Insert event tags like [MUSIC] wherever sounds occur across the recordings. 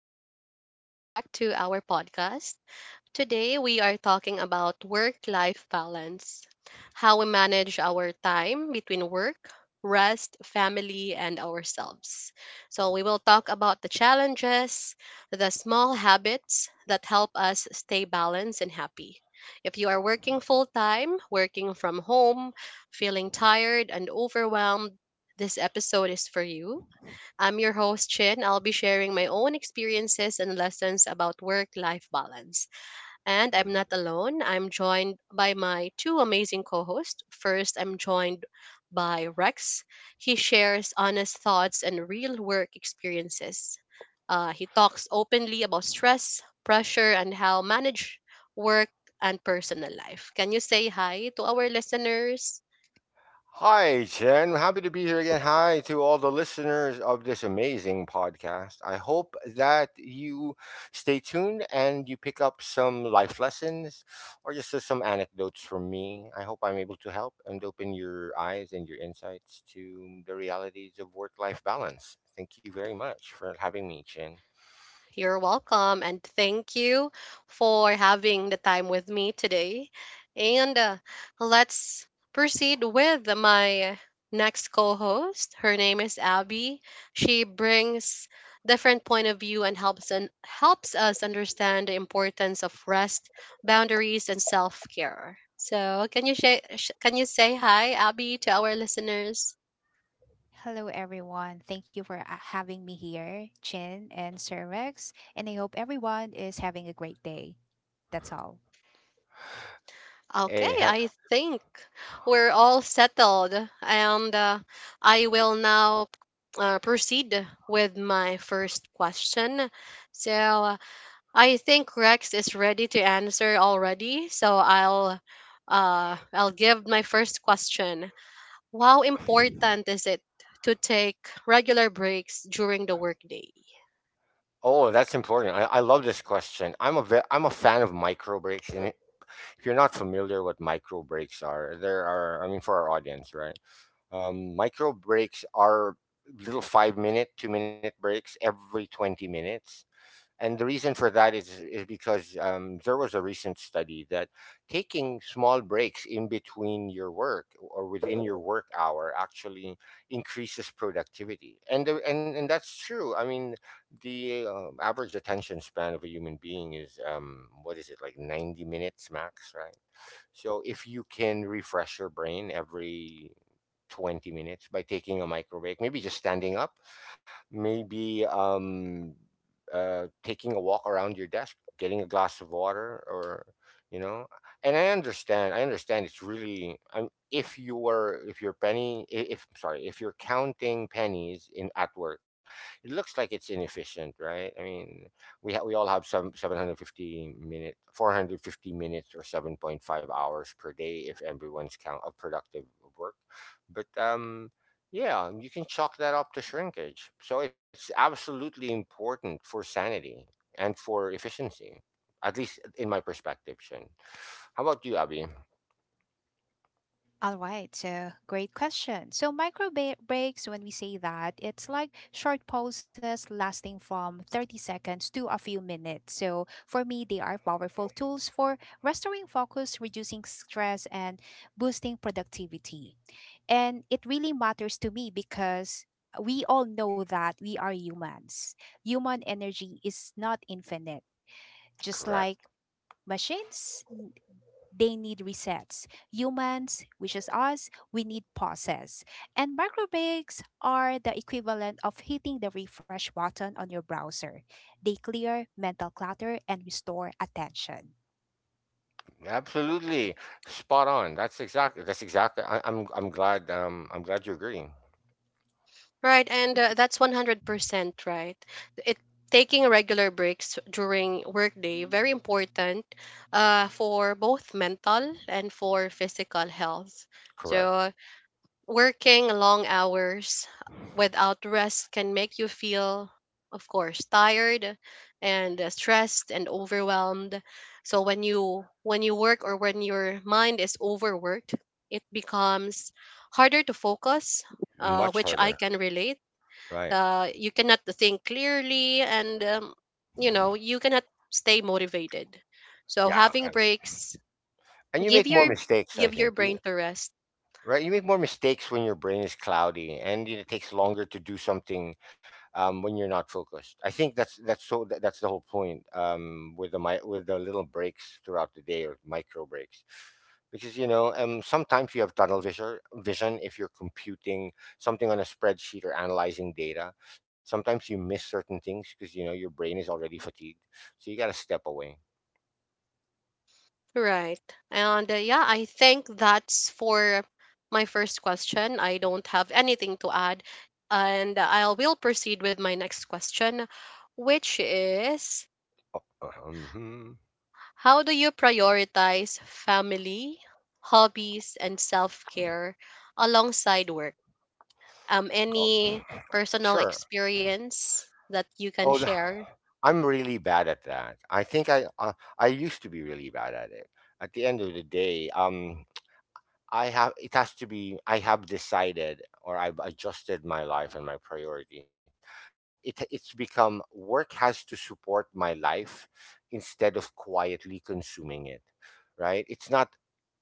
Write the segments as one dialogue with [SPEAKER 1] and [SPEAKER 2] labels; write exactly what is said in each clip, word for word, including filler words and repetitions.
[SPEAKER 1] and welcome back to our podcast. Today, we are talking about work life balance, how we manage our time between work, rest, family, and ourselves. So, we will talk about the challenges, the small habits that help us stay balanced and happy. If you are working full time, working from home, feeling tired and overwhelmed, this episode is for you. I'm your host, Chin. I'll be sharing my own experiences and lessons about work life balance. And I'm not alone. I'm joined by my two amazing co hosts. First, I'm joined by Rex. He shares honest thoughts and real work experiences. Uh, he talks openly about stress, pressure, and how manage work and personal life. Can you say hi to our listeners?
[SPEAKER 2] Hi, Jen. Happy to be here again. Hi to all the listeners of this amazing podcast. I hope that you stay tuned and you pick up some life lessons or just uh, some anecdotes from me. I hope I'm able to help and open your eyes and your insights to the realities of work life balance. Thank you very much for having me, Jen.
[SPEAKER 1] You're welcome, and thank you for having the time with me today. And uh, Let's proceed with my next co-host. Her name is Abby. She brings different point of view and helps and helps us understand the importance of rest, boundaries, and self-care. So, can you say sh- can you say hi, Abby, to our listeners?
[SPEAKER 3] Hello, everyone. Thank you for uh, having me here, Chin and Sir Rex. And I hope everyone is having a great day. That's all.
[SPEAKER 1] Okay,
[SPEAKER 2] Hey, have,
[SPEAKER 1] I think we're all settled, and uh, I will now uh, proceed with my first question. So uh, I think Rex is ready to answer already. So I'll uh, I'll give my first question. How important is it to take regular breaks during the workday?
[SPEAKER 2] oh, that's important. I, I love this question. I'm a ve- I'm a fan of micro breaks, and if you're not familiar what micro breaks are, there are, I mean, for our audience, right? Um, micro breaks are little five minute, two minute breaks every twenty minutes. And the reason for that is is because um, there was a recent study that taking small breaks in between your work or within your work hour actually increases productivity. And the, and and that's true. I mean, the uh, average attention span of a human being is um, what is it, like ninety minutes max, right? So if you can refresh your brain every twenty minutes by taking a micro break, maybe just standing up, maybe um uh, taking a walk around your desk, getting a glass of water, or you know. And I understand. I understand. It's really. I'm if you were If you're penny i- if I'm sorry, if you're counting pennies in at work, it looks like it's inefficient, right? I mean, we ha- we all have some seven fifty minute four hundred fifty minutes or seven point five hours per day if everyone's count of productive work, but um yeah, you can chalk that up to shrinkage. So it's absolutely important for sanity and for efficiency, at least in my perspective, Shin. How about you, Abby?
[SPEAKER 3] All right, so great question. So, micro ba- breaks, when we say that, it's like short pauses lasting from thirty seconds to a few minutes. So, for me, they are powerful tools for restoring focus, reducing stress, and boosting productivity. And it really matters to me because we all know that we are humans. Human energy is not infinite, just
[SPEAKER 2] Correct.
[SPEAKER 3] like machines they need resets. Humans, which is us, we need pauses. And microbreaks are the equivalent of hitting the refresh button on your browser. They clear mental clutter and restore attention.
[SPEAKER 2] Absolutely, spot on. That's exactly. That's exactly. I, I'm. I'm glad. Um. I'm glad you agree.
[SPEAKER 1] Right, and uh, that's one hundred percent right. It taking regular breaks during workday very important, uh, for both mental and for physical health.
[SPEAKER 2] Correct.
[SPEAKER 1] So working long hours without rest can make you feel, of course, tired and, uh, stressed and overwhelmed. So when you when you work or when your mind is overworked, it becomes harder to focus, uh,
[SPEAKER 2] Much
[SPEAKER 1] which I
[SPEAKER 2] harder.
[SPEAKER 1] can relate.
[SPEAKER 2] Right.
[SPEAKER 1] Uh, you cannot think clearly, and um, you know you cannot stay motivated, so
[SPEAKER 2] Yeah.
[SPEAKER 1] having
[SPEAKER 2] And
[SPEAKER 1] breaks
[SPEAKER 2] and you
[SPEAKER 1] give
[SPEAKER 2] make
[SPEAKER 1] your
[SPEAKER 2] more mistakes.
[SPEAKER 1] give
[SPEAKER 2] I
[SPEAKER 1] your
[SPEAKER 2] think
[SPEAKER 1] brain
[SPEAKER 2] you
[SPEAKER 1] to rest.
[SPEAKER 2] Right, you make more mistakes when your brain is cloudy, and it takes longer to do something um, when you're not focused. I think that's that's so that, that's the whole point um, with the mi- with the little breaks throughout the day or micro breaks, because you know um, sometimes you have tunnel vision vision if you're computing something on a spreadsheet or analyzing data. Sometimes you miss certain things because you know your brain is already fatigued, so you got to step away.
[SPEAKER 1] Right, and uh, yeah, I think that's for my first question. I don't have anything to add, and I will proceed with my next question, which is,
[SPEAKER 2] Uh-huh, mhm.
[SPEAKER 1] how do you prioritize family, hobbies, and self-care alongside work? Um
[SPEAKER 2] Oh,
[SPEAKER 1] any personal
[SPEAKER 2] sure.
[SPEAKER 1] experience that you
[SPEAKER 2] Oh,
[SPEAKER 1] can
[SPEAKER 2] the
[SPEAKER 1] share?
[SPEAKER 2] I'm really bad at that. I think I uh, I used to be really bad at it. At the end of the day, um I have it has to be I have decided, or I've adjusted my life and my priority. So it it's become work has to support my life instead of quietly consuming it. Right? It's not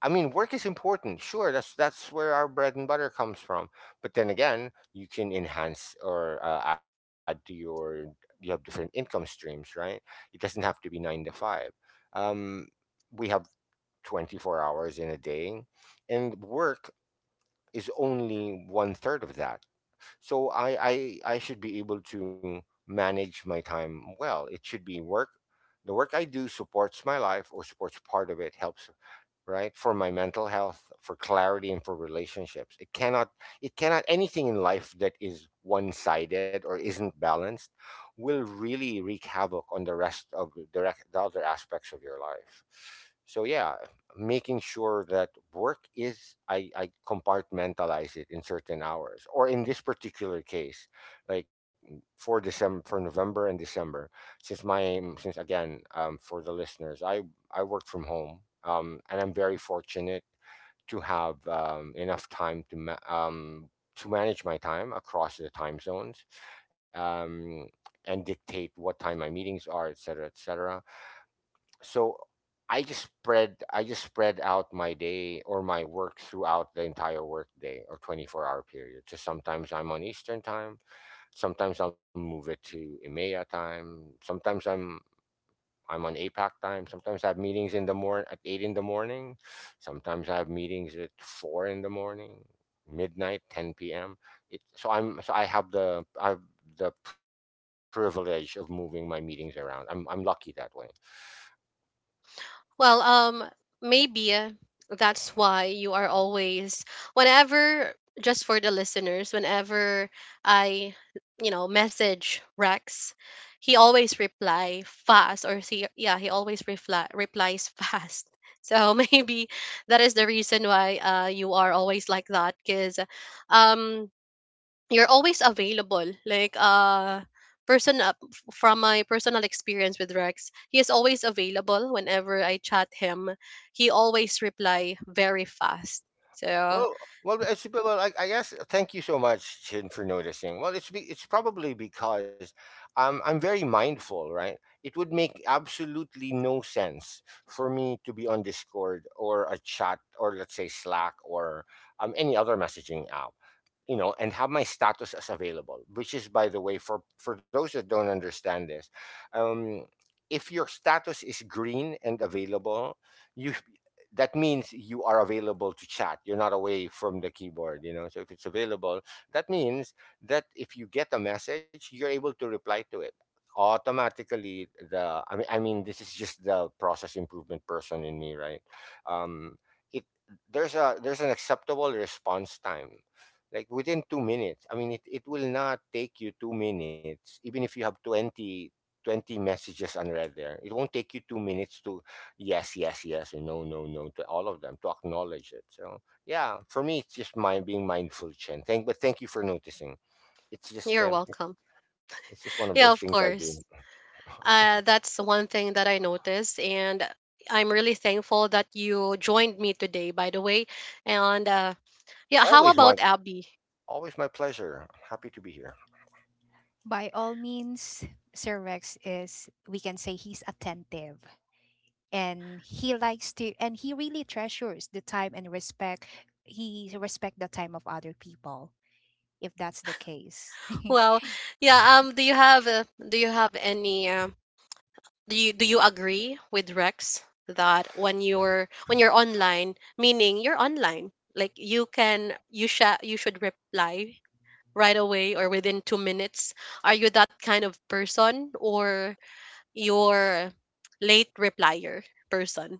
[SPEAKER 2] I mean, work is important. Sure, that's that's where our bread and butter comes from. But then again, you can enhance or uh, add to your, you have different income streams, right? It doesn't have to be nine to five. Um we have twenty-four hours in a day, and work is only one third of that, so I, I i should be able to manage my time well. It should be work The work I do supports my life, or supports part of it, helps, right, for my mental health, for clarity, and for relationships. It cannot it cannot, anything in life that is one-sided or isn't balanced will really wreak havoc on the rest of the, rec- the other aspects of your life. So yeah, making sure that work is, I, I compartmentalize it in certain hours, or in this particular case, like mm, for december, for november and december, since my mm, since again, um, for the listeners, i I work from home, um, and I'm very fortunate to have um, enough time to ma- um, to manage my time across the time zones, um, and dictate what time my meetings are, et cetera, et cetera. So I just spread I just spread out my day or my work throughout the entire work day or twenty-four hour period. So sometimes I'm on Eastern time, sometimes I'll move it to EMEA time, sometimes I'm I'm on APAC time. Sometimes I have meetings in the morning at eight in the morning. Sometimes I have meetings at four in the morning, midnight, ten p.m. It, so I'm so I have the I have the privilege of moving my meetings around. I'm I'm lucky that way.
[SPEAKER 1] Well um maybe uh, that's why you are always, whenever, just for the listeners, whenever I, you know, message Rex, he always reply fast, or he, yeah, he always reply replies fast [LAUGHS] so maybe that is the reason why, uh, you are always like that because, um, you're always available. Like uh person, uh, f- from my personal experience with Rex, he is always available whenever I chat him. He always reply very fast. So
[SPEAKER 2] Well, well, it's well. I, I guess thank you so much, Chin, for noticing. Well, it's be, it's probably because I'm I'm very mindful, right? It would make absolutely no sense for me to be on Discord or a chat, or let's say Slack, or um any other messaging app, you know, and have my status as available, which is, by the way, for for those that don't understand this, um if your status is green and available, you that means you are available to chat, you're not away from the keyboard, you know, so if it's available, that means that if you get a message, you're able to reply to it automatically. The i mean i mean this is just the process improvement person in me, right? um it There's a, there's an acceptable response time, like within two minutes. I mean, it, it will not take you two minutes, even if you have twenty twenty messages unread there, it won't take you two minutes to yes yes yes and no no no to all of them, to acknowledge it. So yeah, for me it's just mind being mindful, Chen, thank but thank you for noticing. It's just
[SPEAKER 1] you're
[SPEAKER 2] um,
[SPEAKER 1] welcome.
[SPEAKER 2] it's just one of those
[SPEAKER 1] Yeah,
[SPEAKER 2] things I
[SPEAKER 1] of
[SPEAKER 2] do.
[SPEAKER 1] course.
[SPEAKER 2] [LAUGHS]
[SPEAKER 1] Uh, that's one thing that I noticed, and I'm really thankful that you joined me today, by the way. And uh, yeah, how
[SPEAKER 2] always my
[SPEAKER 1] about Abby?
[SPEAKER 2] Always my pleasure, happy to be here.
[SPEAKER 3] By all means, Sir Rex is, we can say he's attentive and he likes to, and he really treasures the time and respect, he respect the time of other people, if that's the case. [LAUGHS]
[SPEAKER 1] Well, yeah, um do you have uh, do you have any um do you do you agree with Rex that when you're when you're online, meaning you're online, like you can you sha you should reply right away or within two minutes? Are you that kind of person or your late replier person?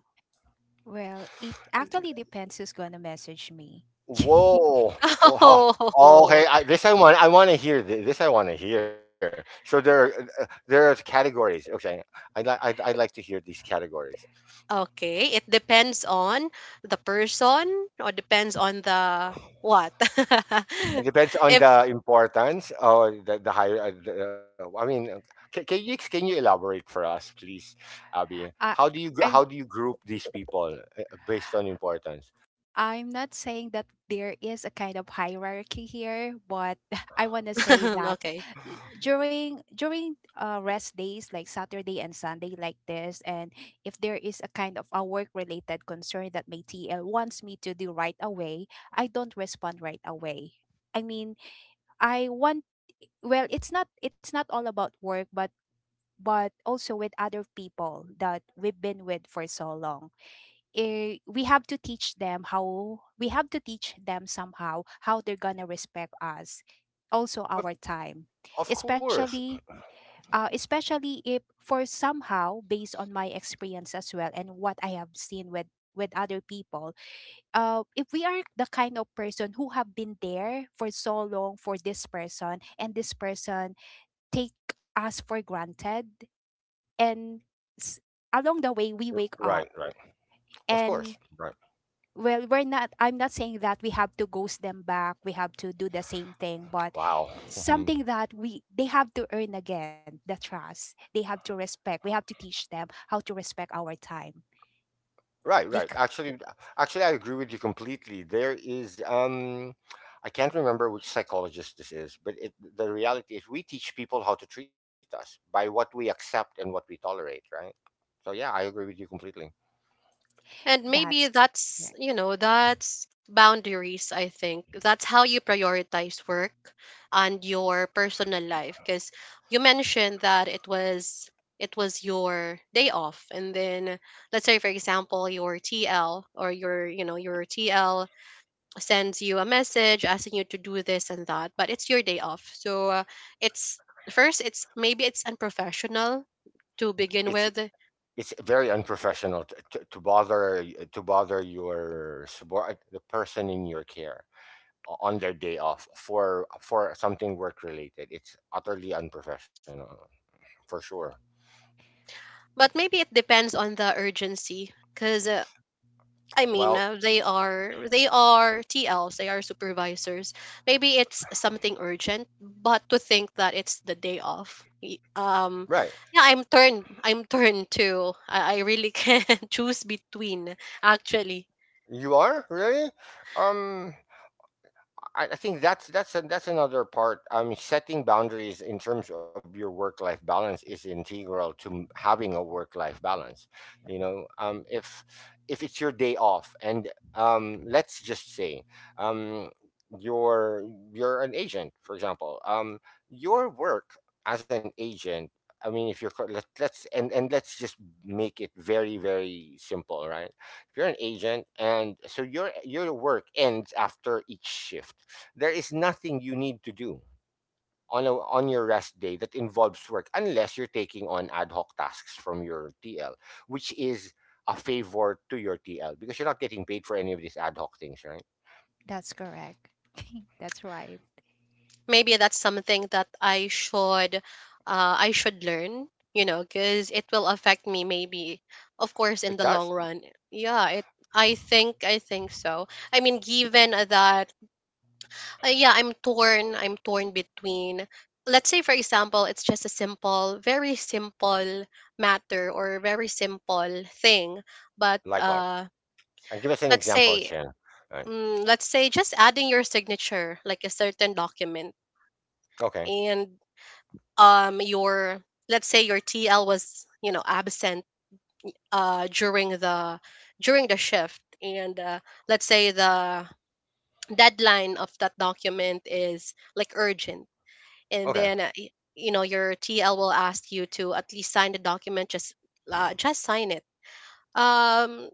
[SPEAKER 3] Well, it actually depends who's gonna message me. [LAUGHS]
[SPEAKER 2] Whoa!
[SPEAKER 1] [LAUGHS]
[SPEAKER 2] Wow.
[SPEAKER 1] Oh,
[SPEAKER 2] Okay, I, this I want. I want to hear thi- this. I want to hear. So there, are, uh, there are categories. Okay, I'd like. I'd, I'd like to hear these categories.
[SPEAKER 1] okay. It depends on the person or depends on the what? [LAUGHS]
[SPEAKER 2] It depends on
[SPEAKER 1] If
[SPEAKER 2] the importance, or the, the higher. Uh, the, I mean, can, can you, can you elaborate for us, please, Abby?
[SPEAKER 3] I,
[SPEAKER 2] How do you gr- how
[SPEAKER 3] I'm
[SPEAKER 2] do you group these people uh, uh, based on importance?
[SPEAKER 3] I'm not saying that there is a kind of hierarchy here, but [LAUGHS] I want to say
[SPEAKER 1] [LAUGHS]
[SPEAKER 3] that
[SPEAKER 1] okay.
[SPEAKER 3] eh, during during uh, rest days like Saturday and Sunday like this, and if there is a kind of a work related concern that my T L wants me to do right away, I don't respond right away. I mean, I want, well, it's not, it's not all about work, but but also with other people that we've been with for so long. Eh, we have to teach them how, we have to teach them somehow how they're gonna respect us, also our time,
[SPEAKER 2] Of course.
[SPEAKER 3] especially uh, especially if for somehow based on my experience as well and what I have seen with with other people. Uh, if we are the kind of person who have been there for so long for this person, and this person take us for granted, and s- along the way we wake
[SPEAKER 2] Right.
[SPEAKER 3] up.
[SPEAKER 2] Right. Of course.
[SPEAKER 3] And
[SPEAKER 2] Right.
[SPEAKER 3] well, we're not, I'm not saying that we have to ghost them back, we have to do the same thing, but
[SPEAKER 2] Wow.
[SPEAKER 3] something
[SPEAKER 2] [LAUGHS]
[SPEAKER 3] that we, they have to earn again the trust, they have to respect, we have to teach them how to respect our time
[SPEAKER 2] Right, right.
[SPEAKER 3] because
[SPEAKER 2] Actually, actually, I agree with you completely. There is, um, I can't remember which psychologist this is, but it, the reality is we teach people how to treat us by what we accept and what we tolerate, right? So yeah, I agree with you completely.
[SPEAKER 1] And maybe
[SPEAKER 3] that's
[SPEAKER 1] that's,
[SPEAKER 3] correct.
[SPEAKER 1] you know, that's boundaries, I think. That's how you prioritize work and your personal life. Because you mentioned that it was it was your day off, and then let's say, for example, your TL, or, your you know, your TL sends you a message asking you to do this and that, but it's your day off, so, uh, it's first, it's maybe it's unprofessional to begin
[SPEAKER 2] It's
[SPEAKER 1] with.
[SPEAKER 2] it's very unprofessional to, to, to bother to bother your subor- the person in your care o- on their day off for for something work related. It's utterly unprofessional, for sure.
[SPEAKER 1] But maybe it depends on the urgency because, I mean,
[SPEAKER 2] Well,
[SPEAKER 1] uh, they are they are T Ls. They are supervisors. Maybe it's something urgent, but to think that it's the day off. y-
[SPEAKER 2] right.
[SPEAKER 1] Um, yeah, I'm turned. I'm turned to. I, I really can [LAUGHS] choose between. Actually,
[SPEAKER 2] You are really? Um, I I think that's that's a, that's another part. Um, setting boundaries in terms of your work-life balance is integral to m- having a work-life balance. You know, um, if if it's your day off, and um, let's just say, um, you're you're an agent, for example, um, your work as an agent. I mean, if you're co- let, let's and and let's just make it very very simple, right? If you're an agent, and so your your work ends after each shift, there is nothing you need to do on a, on your rest day that involves work, unless you're taking on ad hoc tasks from your T L, which is a favor to your T L because you're not getting paid for any of these ad hoc things, right?
[SPEAKER 3] That's correct. That's right.
[SPEAKER 1] maybe that's something that I should, uh, I should learn. You know, because it will affect me. Maybe, of course,
[SPEAKER 2] It
[SPEAKER 1] in the
[SPEAKER 2] does.
[SPEAKER 1] long run. Yeah, it. I think. I think so. I mean, given that, uh, yeah, I'm torn. I'm torn between, let's say, for example, it's just a simple, very simple matter or very simple thing. But
[SPEAKER 2] Likewise.
[SPEAKER 1] uh,
[SPEAKER 2] And give us an
[SPEAKER 1] let's
[SPEAKER 2] example,
[SPEAKER 1] say,
[SPEAKER 2] Chen. Right.
[SPEAKER 1] mm, let's say, just adding your signature, like a certain document,
[SPEAKER 2] Okay.
[SPEAKER 1] and um, your, let's say, your T L was, you know, absent uh during the during the shift, and, uh, let's say the deadline of that document is like urgent, and
[SPEAKER 2] Okay.
[SPEAKER 1] then uh, y- you know your T L will ask you to at least sign the document, just, uh, just sign it. um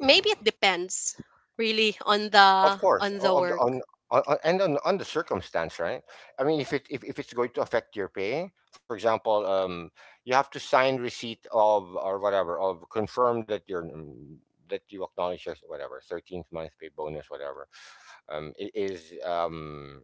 [SPEAKER 1] Maybe it depends really on the
[SPEAKER 2] Of
[SPEAKER 1] on
[SPEAKER 2] course,
[SPEAKER 1] the
[SPEAKER 2] o- of the
[SPEAKER 1] work.
[SPEAKER 2] on on o- and on, on the circumstance, right? I mean, if it if, if it's going to affect your pay, for example, um, you have to sign receipt of, or whatever, of confirm that you're mm, that you acknowledge your whatever thirteenth month pay bonus whatever, um, i- is um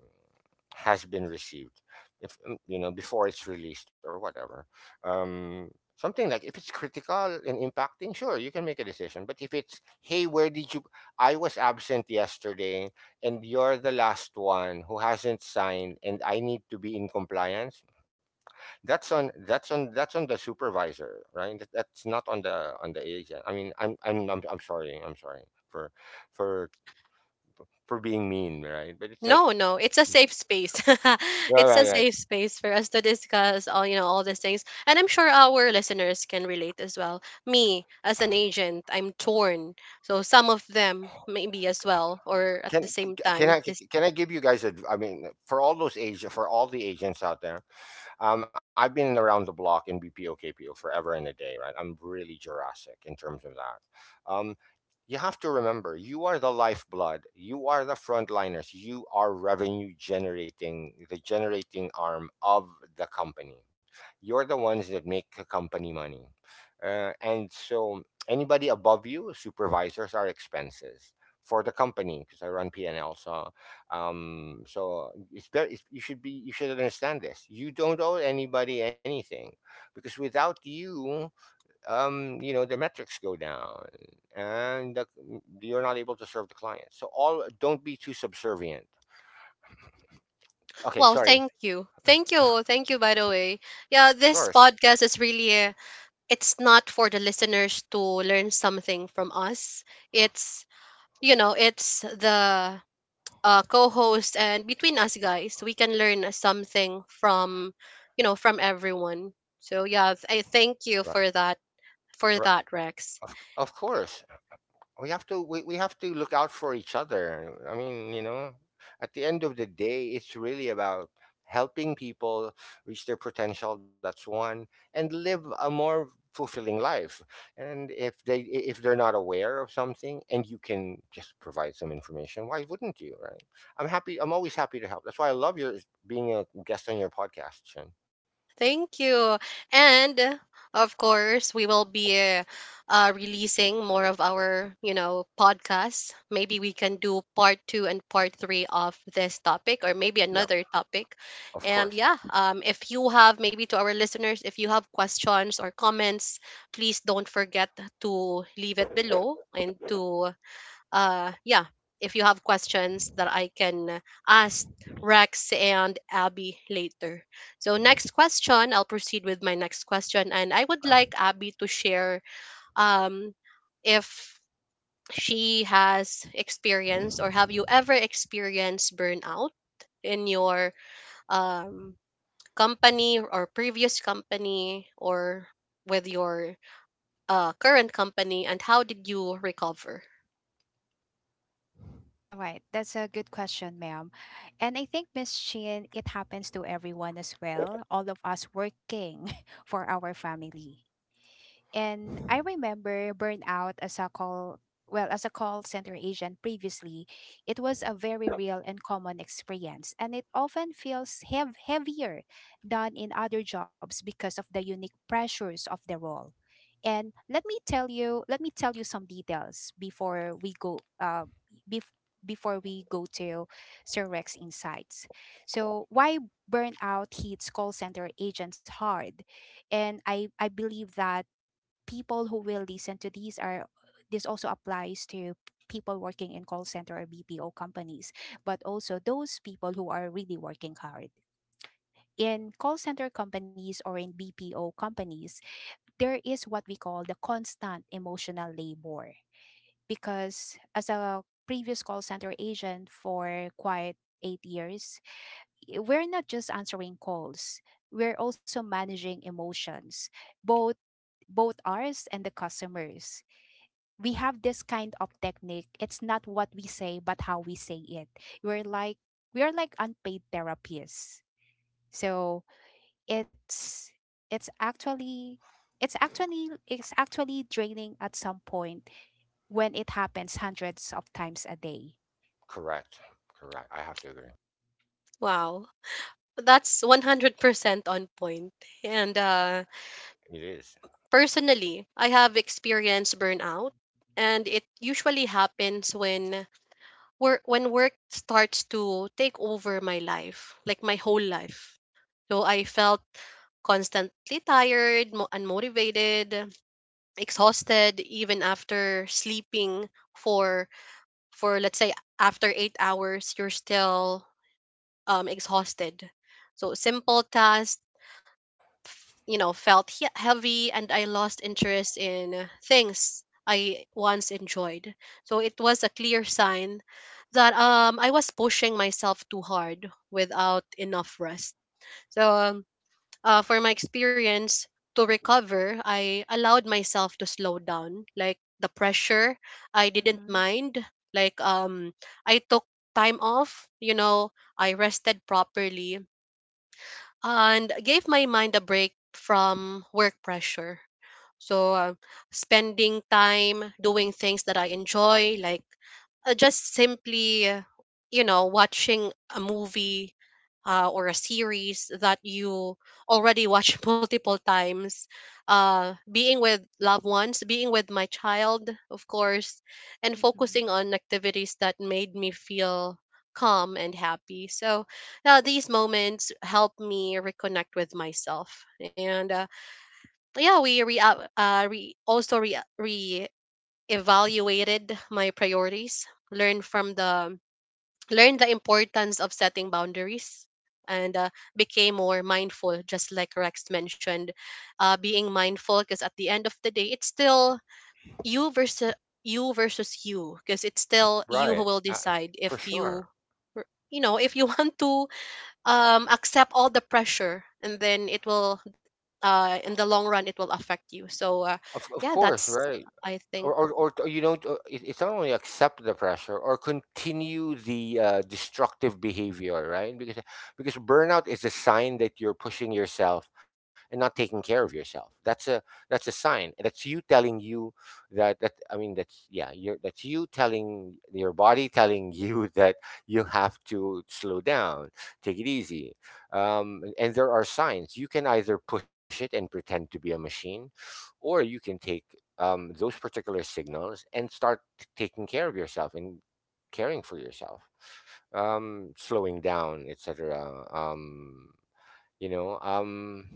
[SPEAKER 2] has been received, if mm, you know, before it's released or whatever, um. Something like, if it's critical and impacting, sure, you can make a decision. But if it's, hey, where did you, I was absent yesterday and you're the last one who hasn't signed and I need to be in compliance. That's on that's on that's on the supervisor, right? That, that's not on the on the agent. I mean, I'm I'm I'm, I'm sorry. I'm sorry for for for being mean, right? But it's like
[SPEAKER 1] No, no, it's a safe space. [LAUGHS]
[SPEAKER 2] right,
[SPEAKER 1] It's a
[SPEAKER 2] right, right.
[SPEAKER 1] safe space for us to discuss, all you know, all these things, and I'm sure our listeners can relate as well. Me as an agent, I'm torn, so some of them maybe as well, or at the
[SPEAKER 2] Can
[SPEAKER 1] same
[SPEAKER 2] can
[SPEAKER 1] time.
[SPEAKER 2] I can I give you guys a? I mean, for all those agents, for all the agents out there, um, I've been around the block in B P O K P O forever and a day, right? I'm really Jurassic in terms of that. Um, you have to remember, you are the lifeblood. You are the frontliners. You are revenue generating, the generating arm of the company. You're the ones that make the company money. Uh, and so anybody above you, supervisors, are expenses for the company because I run P and L. so um so it's better it's, you should be you should understand this. You don't owe anybody anything because without you, um you know the metrics go down and the, mm, you're not able to serve the client. So all, don't be too subservient. Okay,
[SPEAKER 1] Wow,
[SPEAKER 2] sorry.
[SPEAKER 1] thank you. Thank you. Thank you, by the way. Yeah,
[SPEAKER 2] Of
[SPEAKER 1] this
[SPEAKER 2] course.
[SPEAKER 1] podcast is really, uh, it's not for the listeners to learn something from us. It's, you know, it's the, uh, co-host, and between us guys, we can learn something from, you know, from everyone. So yeah, th- I thank
[SPEAKER 2] Right,
[SPEAKER 1] you for that,
[SPEAKER 2] right.
[SPEAKER 1] for that, Rex.
[SPEAKER 2] Of, of course we have to we, we have to look out for each other. i mean you know at the end of the day, it's really about helping people reach their potential. That's one. And live a more fulfilling life. And if they i- if they're not aware of something and you can just provide some information, why wouldn't you, right? I'm happy, I'm always happy to help. That's why I love your being a guest on your podcast, Chen.
[SPEAKER 1] Thank you. And uh, of course, we will be uh, uh, releasing more of our, you know, podcasts. Maybe we can do part two and part three of this topic, or maybe
[SPEAKER 2] Yep,
[SPEAKER 1] another topic.
[SPEAKER 2] of
[SPEAKER 1] And
[SPEAKER 2] course.
[SPEAKER 1] yeah, um, if you have, maybe to our listeners, if you have questions or comments, please don't forget to leave it below and to, uh, yeah, if you have questions that I can ask Rex and Abby later. So next question, I'll proceed with my next question, and I would like Abby to share, um, if she has experienced, or have you ever experienced burnout in your, um, company or previous company, or with your, uh, current company, and how did you recover?
[SPEAKER 3] All right, that's a good question, ma'am. And I think, Miss Chin, it happens to everyone as well, all of us working [LAUGHS] for our family. And I remember burnout as a call, well, as a call center agent previously, it was a very real and common experience, and it often feels heav- heavier than in other jobs because of the unique pressures of the role. And let me tell you, let me tell you some details before we go uh, bef- before we go to Sir Rex insights. So why burnout hits call center agents hard? And I I believe that people who will listen to these are, this also applies to people working in call center or B P O companies, but also those people who are really working hard. In call center companies or in B P O companies, there is what we call the constant emotional labor. Because as a previous call center agent for quite eight years, i- we're not just answering calls, we're also managing emotions, both both ours and the customers. We have this kind of technique. It's not what we say, but how we say it. We're like we are like unpaid therapists. So it's it's actually it's actually it's actually draining at some point when it happens hundreds of times a day.
[SPEAKER 2] Correct. Correct, I have to agree.
[SPEAKER 1] Wow. That's one hundred percent on point. And uh,
[SPEAKER 2] It is.
[SPEAKER 1] personally, I have experienced burnout, and it usually happens when work when work starts to take over my life, like my whole life. So I felt constantly tired, mo- unmotivated, exhausted even after sleeping for for let's say after eight hours you're still, um, exhausted. So simple tasks, f- you know, felt he- heavy, and I lost interest in things I once enjoyed. So it was a clear sign that, um, I was pushing myself too hard without enough rest. So um, uh, for my experience to recover, I allowed myself to slow down. Like the pressure, I didn't
[SPEAKER 3] Mm-mm,
[SPEAKER 1] mind. Like, um, I took time off. You know, I rested properly and gave my mind a break from work pressure. So, uh, spending time doing things that I enjoy, like, uh, just simply, uh, you know, watching a movie, uh, or a series that you already watched [LAUGHS] multiple times, uh, being with loved ones, being with my child, of course, and
[SPEAKER 3] mm-mm.
[SPEAKER 1] focusing on activities that made me feel calm and happy. So, now these moments help me reconnect with myself, and uh, yeah, we re, uh, uh, re also re re evaluated my priorities, learn from the learn the importance of setting boundaries, and, uh, became more mindful. Just like Rex mentioned, uh, being mindful, because at the end of the day, it's still you versus you versus you because it's still you who
[SPEAKER 2] Right.
[SPEAKER 1] will
[SPEAKER 2] Uh,
[SPEAKER 1] decide
[SPEAKER 2] for
[SPEAKER 1] if
[SPEAKER 2] sure.
[SPEAKER 1] you r- you know if you [LAUGHS] want to, um, accept all the pressure, and then it will, uh, in the long run it will affect you, so, uh,
[SPEAKER 2] Of, of
[SPEAKER 1] yeah,
[SPEAKER 2] course,
[SPEAKER 1] that's,
[SPEAKER 2] right?
[SPEAKER 1] I
[SPEAKER 2] Or,
[SPEAKER 1] think.
[SPEAKER 2] or, or t- you don't uh, it- it's not only accept the pressure or continue the uh, destructive behavior, right? because because burnout is a sign that you're pushing yourself and not taking care of yourself. That's a that's a sign. That's you telling you that. That I mean that's yeah You're that's you telling your body telling [LAUGHS] you that you have to slow down, take it easy. um, and and there are signs. You can either push it and pretend to be a machine, or you can take um, those particular signals and start t- taking care of yourself and caring for yourself, um, slowing down, etc. um, you know um,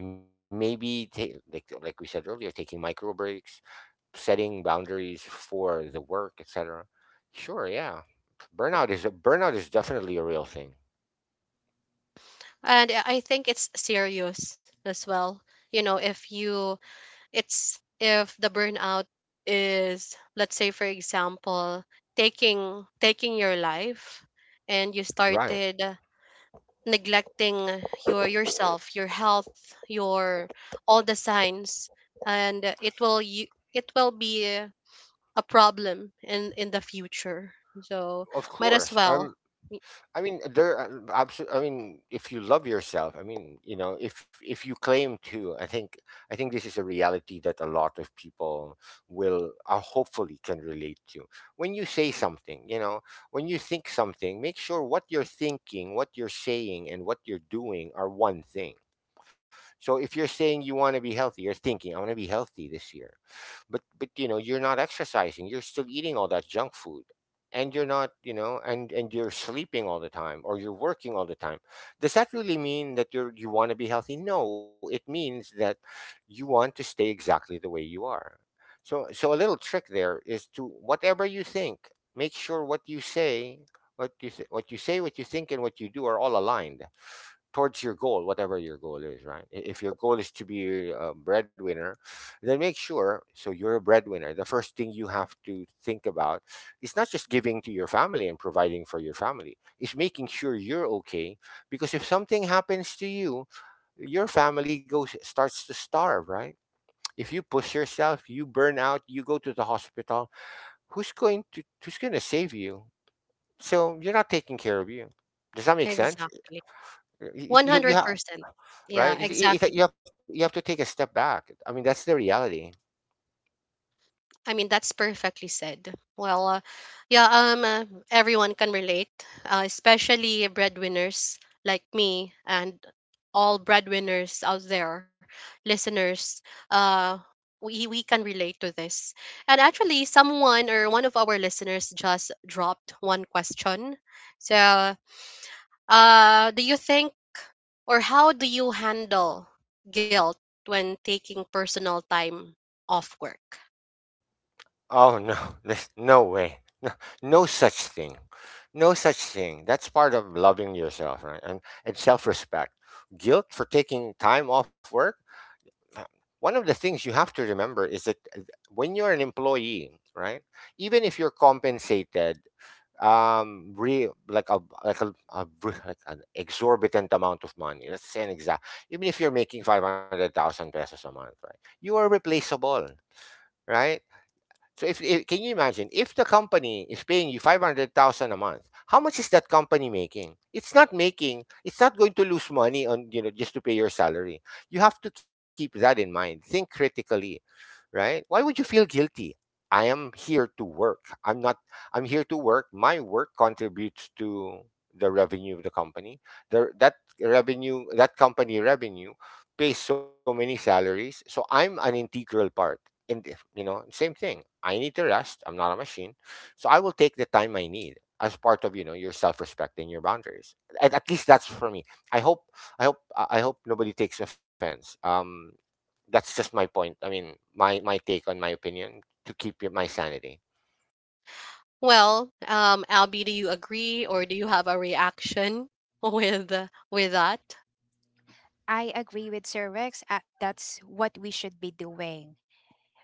[SPEAKER 2] maybe ta- like like we said earlier, taking micro breaks, setting boundaries for the work, etc. Sure, yeah. Burnout is a burnout is definitely a real thing.
[SPEAKER 1] And i I think it's serious as well. You know, if you, it's if the burnout is, let's say for example, taking taking your life, and you
[SPEAKER 2] Right.
[SPEAKER 1] started neglecting your yourself, your health, your all the signs, and it will you, it will be a problem in in the future. So
[SPEAKER 2] Of
[SPEAKER 1] might
[SPEAKER 2] course.
[SPEAKER 1] as
[SPEAKER 2] Um,
[SPEAKER 1] well. Y-
[SPEAKER 2] I mean, there. Absolutely. I mean, if you love yourself, I mean, you know, if if you claim to, I think, I think this is a reality that a lot of people will, uh, hopefully, can relate to. When you say something, you know, when you think something, make sure what you're thinking, what you're saying, and what you're doing are one thing. So, if you're saying you want to be healthy, you're thinking, I want to be healthy this year, but but you know you're not exercising, you're still eating all that junk food, and you're not, you know, and and you're sleeping all the time or you're working all the time. Does that really mean that you're you want to be healthy? No, it means that you want to stay exactly the way you are. So so a little trick there is to whatever you think, make sure what you say, what you say, what you say what you think, and what you do are all aligned towards your goal, whatever your goal is, right? I- If your goal is to be a breadwinner, then make sure so you're a breadwinner. The first thing you have to think about is not just giving to your family and providing for your family, it's making sure you're okay. Because if something happens to you, your family goes starts to starve, right? If you push yourself, you burn out, you go to the hospital, who's going to who's going to save you? So you're not taking care of you. Does that make sense?
[SPEAKER 1] Exactly.
[SPEAKER 2] Y- y- You you,
[SPEAKER 1] one hundred percent. Yeah,
[SPEAKER 2] right? If- if- if-
[SPEAKER 1] exactly.
[SPEAKER 2] you have, you have to take a step back. I mean, that's the reality.
[SPEAKER 1] I mean, that's perfectly said. Well, uh, yeah, um uh, everyone can relate, uh, especially breadwinners like me and all breadwinners out there, listeners. Uh, we, we can relate to this. And actually, someone or one of our listeners just dropped one question. So, uh, do you think, or how do you handle guilt when taking personal time off work?
[SPEAKER 2] Oh no, [LAUGHS] there's no way. No, no such thing, no such thing. That's part of loving yourself, right? And and self-respect. Guilt for taking time off work. Uh, One of the things you have to remember is that uh, when you're an employee, right? Even if you're compensated um re like a like a, a re- like an exorbitant amount of money. Let's say an exact, even if you're making five hundred thousand pesos a month, right, you are replaceable, right? So if, if can you imagine, if the company is paying you five hundred thousand a month, how much is that company making? It's not making it's not going to lose money on, you know, just to pay your salary. You have to keep that in mind, think critically, right? Why would you feel guilty? I am here to work. I'm not I'm here to work. My work contributes to the revenue of the company. The, that revenue, that company revenue pays so many salaries. So I'm an integral part. And if- you know, same thing. I need to rest. I'm not a machine. So I will take the time I need as part of, you know, your self-respect and your boundaries. At, at least that's for me. I hope I hope I I hope nobody takes offense. Um that's just my point. I mean, my my take, on my opinion, to keep y- my sanity.
[SPEAKER 1] Well, um, Albie, do you agree or do you have a reaction [LAUGHS] with with that?
[SPEAKER 3] I agree with Sir Rex. Uh, that's what we should be doing.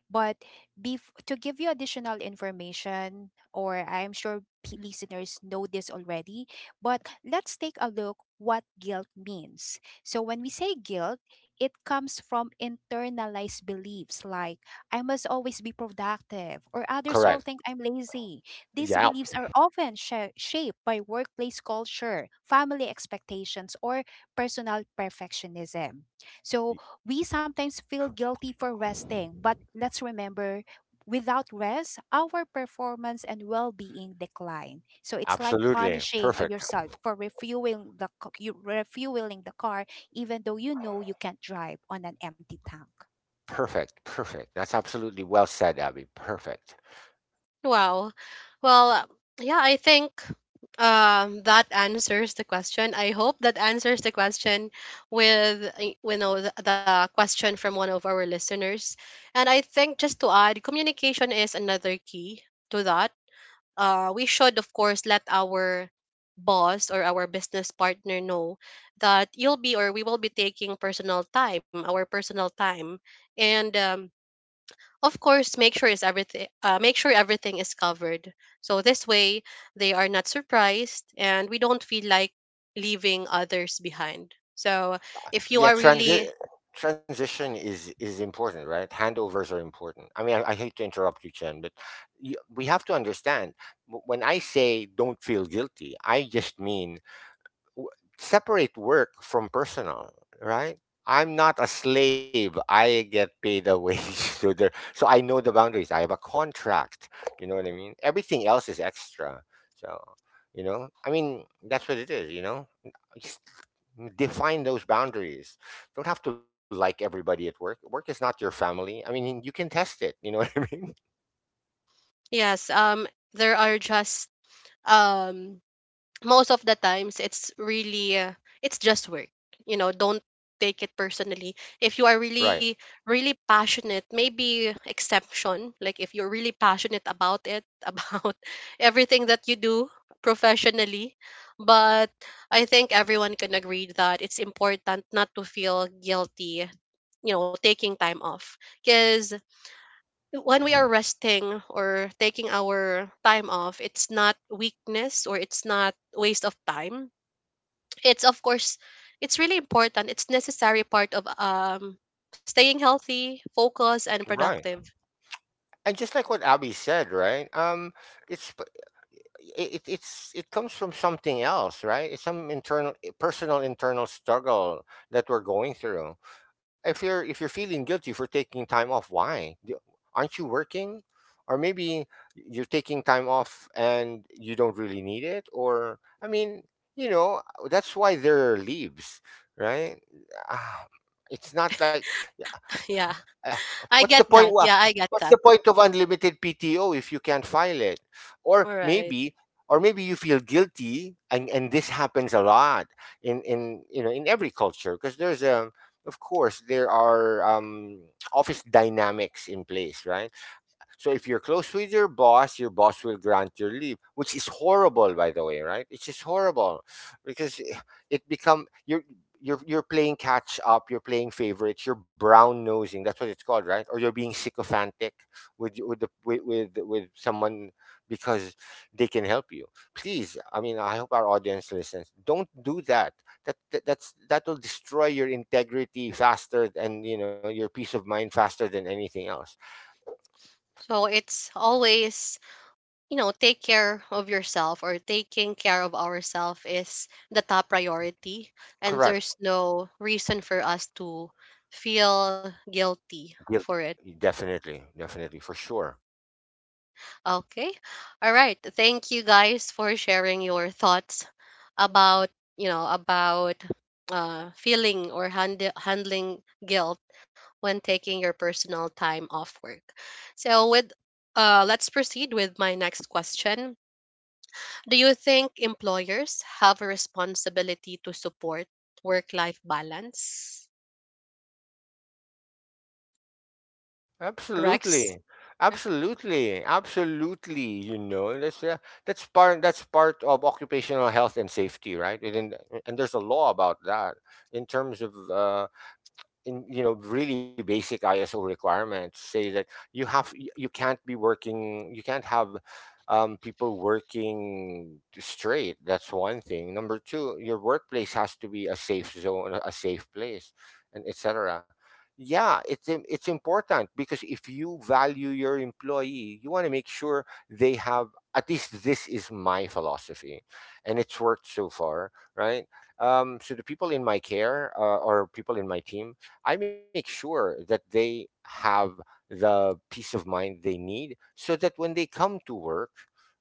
[SPEAKER 3] But bef- to give you additional information, or I'm sure p- listeners know this already, but let's take a look what guilt means. So when we say guilt, it comes from internalized beliefs like I must always be productive or others will
[SPEAKER 2] Correct.
[SPEAKER 3] think I'm lazy. These
[SPEAKER 2] Yeah.
[SPEAKER 3] beliefs are often sha- shaped by workplace culture, family expectations, or personal perfectionism. So we sometimes feel guilty for resting, but let's remember, without rest, our performance and well being decline. So it's like
[SPEAKER 2] Absolutely.
[SPEAKER 3] punishing uh,
[SPEAKER 2] Perfect.
[SPEAKER 3] yourself for refueling the, c- you, refueling the car, even though you know you can't drive on an empty tank.
[SPEAKER 2] Perfect. Perfect. That's absolutely well said, Abby. Perfect.
[SPEAKER 1] Wow. Well, yeah, I think, um, that answers the question. I hope that answers the question with, y- you know, the, the question from one of our listeners. And I think, just to add, communication is another key to that. Uh, we should, of course, let our boss or our business partner know that you'll be, or we will be, taking personal time, our personal time, and um, of course make sure is everything uh, make sure everything is covered, so this way they are not surprised and we don't feel like leaving others behind. So if you
[SPEAKER 2] Yeah,
[SPEAKER 1] are
[SPEAKER 2] transi-
[SPEAKER 1] really…
[SPEAKER 2] transition is is important, right? Handovers are important. I mean, I, I hate to interrupt you, Chen, but y we have to understand w- when I say don't feel guilty, I just mean w- separate work from personal, right? I'm not a slave. I get paid a wage. [LAUGHS] So there, so I know the boundaries. I have a contract. You know what I mean? Everything else is extra. So, you know, I mean, that's what it is, you know? Just define those boundaries. Don't have to like everybody at work. Work is not your family. I mean, you can test it, you know, [LAUGHS] what I mean?
[SPEAKER 1] Yes, um there are just… um Most of the times it's really uh, it's just work, you know, don't take it personally. If you are
[SPEAKER 2] Right.
[SPEAKER 1] really really passionate, maybe exception, like if you're really passionate about it [LAUGHS] about everything that you do professionally. But I think everyone can agree that it's important not to feel guilty, you know, taking time off. Because when we are resting or taking our time off, it's not weakness or it's not waste of time. It's, of course, it's really important, it's necessary part of um staying healthy, focused, and
[SPEAKER 2] Right.
[SPEAKER 1] productive.
[SPEAKER 2] And just like what Abby said, right? Um, it's p- i- it it's it comes from something else, right? It's some internal, personal, internal struggle that we're going through. If you're if you're feeling guilty for taking time off, why? D- Aren't you working? Or maybe you're taking time off and you don't really need it. Or I mean, you know, that's why there are leaves, right? Ah, it's not like
[SPEAKER 1] [LAUGHS] Yeah,
[SPEAKER 2] [LAUGHS] Uh,
[SPEAKER 1] I
[SPEAKER 2] what's the
[SPEAKER 1] get
[SPEAKER 2] point?
[SPEAKER 1] that.
[SPEAKER 2] wha-
[SPEAKER 1] Yeah, I get
[SPEAKER 2] What's the
[SPEAKER 1] that.
[SPEAKER 2] point of unlimited P T O if you can't file it? Or
[SPEAKER 1] All
[SPEAKER 2] maybe,
[SPEAKER 1] right.
[SPEAKER 2] or maybe you feel guilty, and, and this happens a lot in in, you know, in every culture because there's a, of course there are, um, office dynamics in place, right? So if you're close with your boss, your boss will grant your leave, which is horrible, by the way, right? It's just horrible because it become you're you're you're playing catch up, you're playing favorites, you're brown nosing. That's what it's called, right? Or you're being sycophantic with with the with with, with someone because they can help you. Please, I mean, I hope our audience listens. Don't do that. That, that that's that will destroy your integrity faster, and you know, your peace of mind faster than anything else.
[SPEAKER 1] So it's always, you know, take care of yourself, or taking care of ourselves is the top priority. And
[SPEAKER 2] Correct.
[SPEAKER 1] there's no reason for us to feel guilty
[SPEAKER 2] Guilty.
[SPEAKER 1] for it.
[SPEAKER 2] Definitely, definitely, for sure.
[SPEAKER 1] Okay. All right. Thank you guys for sharing your thoughts about, you know, about uh, feeling or hand- handling guilt when taking your personal time off work. So, with uh, let's proceed with my next question. Do you think employers have a responsibility to support work life balance? Rex?
[SPEAKER 2] Absolutely. Absolutely. Absolutely, you know. That's uh, that's part that's part of occupational health and safety, right? And, and there's a law about that in terms of, uh, in, you know, really basic ISO requirements say that you have y- you can't be working, you can't have um, people working straight. That's one thing. Number two, your workplace has to be a safe zone, a a safe place, and etc. Yeah, it's im- it's important because if you value your employee, you want to make sure they have, at least this is my philosophy, and it's worked so far, right. um, so the people in my care, uh, or people in my team, I make sure that they have the peace of mind they need so that when they come to work,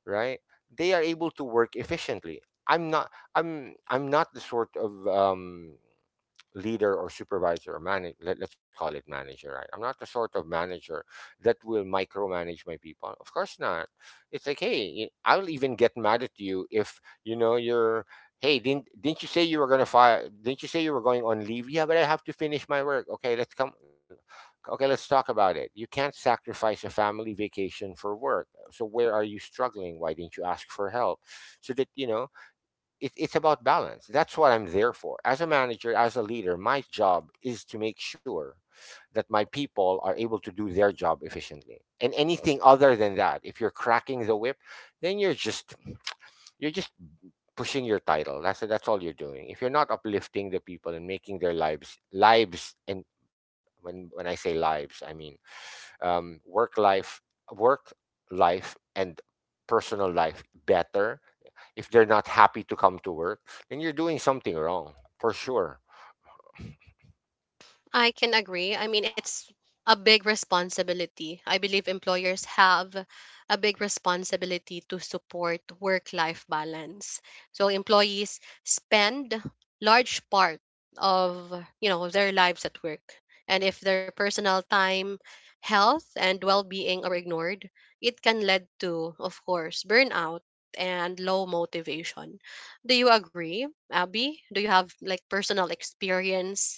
[SPEAKER 2] right, they are able to work efficiently. I'm not I'm I'm not the sort of um leader or supervisor or manager. Let, let's call it manager, right? I'm not the sort of manager that will micromanage my people. Of course not. It's like, hey, you- I'll even get mad at you if, you know, you're, hey, didn't didn't you say you were gonna fire? Didn't you say you were going on leave? Yeah, but I have to finish my work. Okay, let's come. Okay, let's talk about it. You can't sacrifice a family vacation for work. So where are you struggling? Why didn't you ask for help? So that, you know, it, it's about balance. That's what I'm there for. As a manager, as a leader, my job is to make sure that my people are able to do their job efficiently. And anything other than that, if you're cracking the whip, then you're just you're just pushing your title. That's that's all you're doing. If you're not uplifting the people and making their lives lives, and when when I say lives, I mean um, work life, work life, and personal life, better. If they're not happy to come to work, then you're doing something wrong for sure.
[SPEAKER 1] I can agree. I mean, it's a big responsibility. I believe employers have a big responsibility to support work life balance. So employees spend large part of, you know, their lives at work. And if their personal time, health and well-being are ignored, it can lead to, of course, burnout and low motivation. Do you agree, Abby? Do you have like personal experience…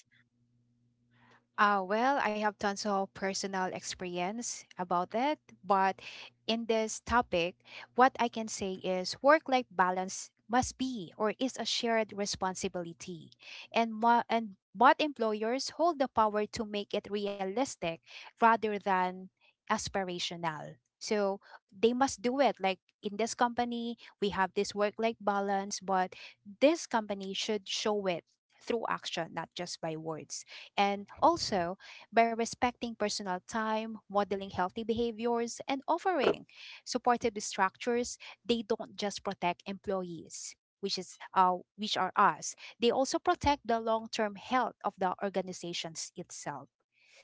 [SPEAKER 3] Uh, well, I have tons of personal experience about it, but in this topic, what I can say is work life balance must be, or is a shared responsibility. And mo- and but employers hold the power to make it realistic rather than aspirational. So they must do it. Like in this company, we have this work life balance, but this company should show it through action, not just by words. And also, by respecting personal time, modeling healthy behaviors, and offering supportive structures, they don't just protect employees, which is uh, which are us. They also protect the long-term health of the organizations itself.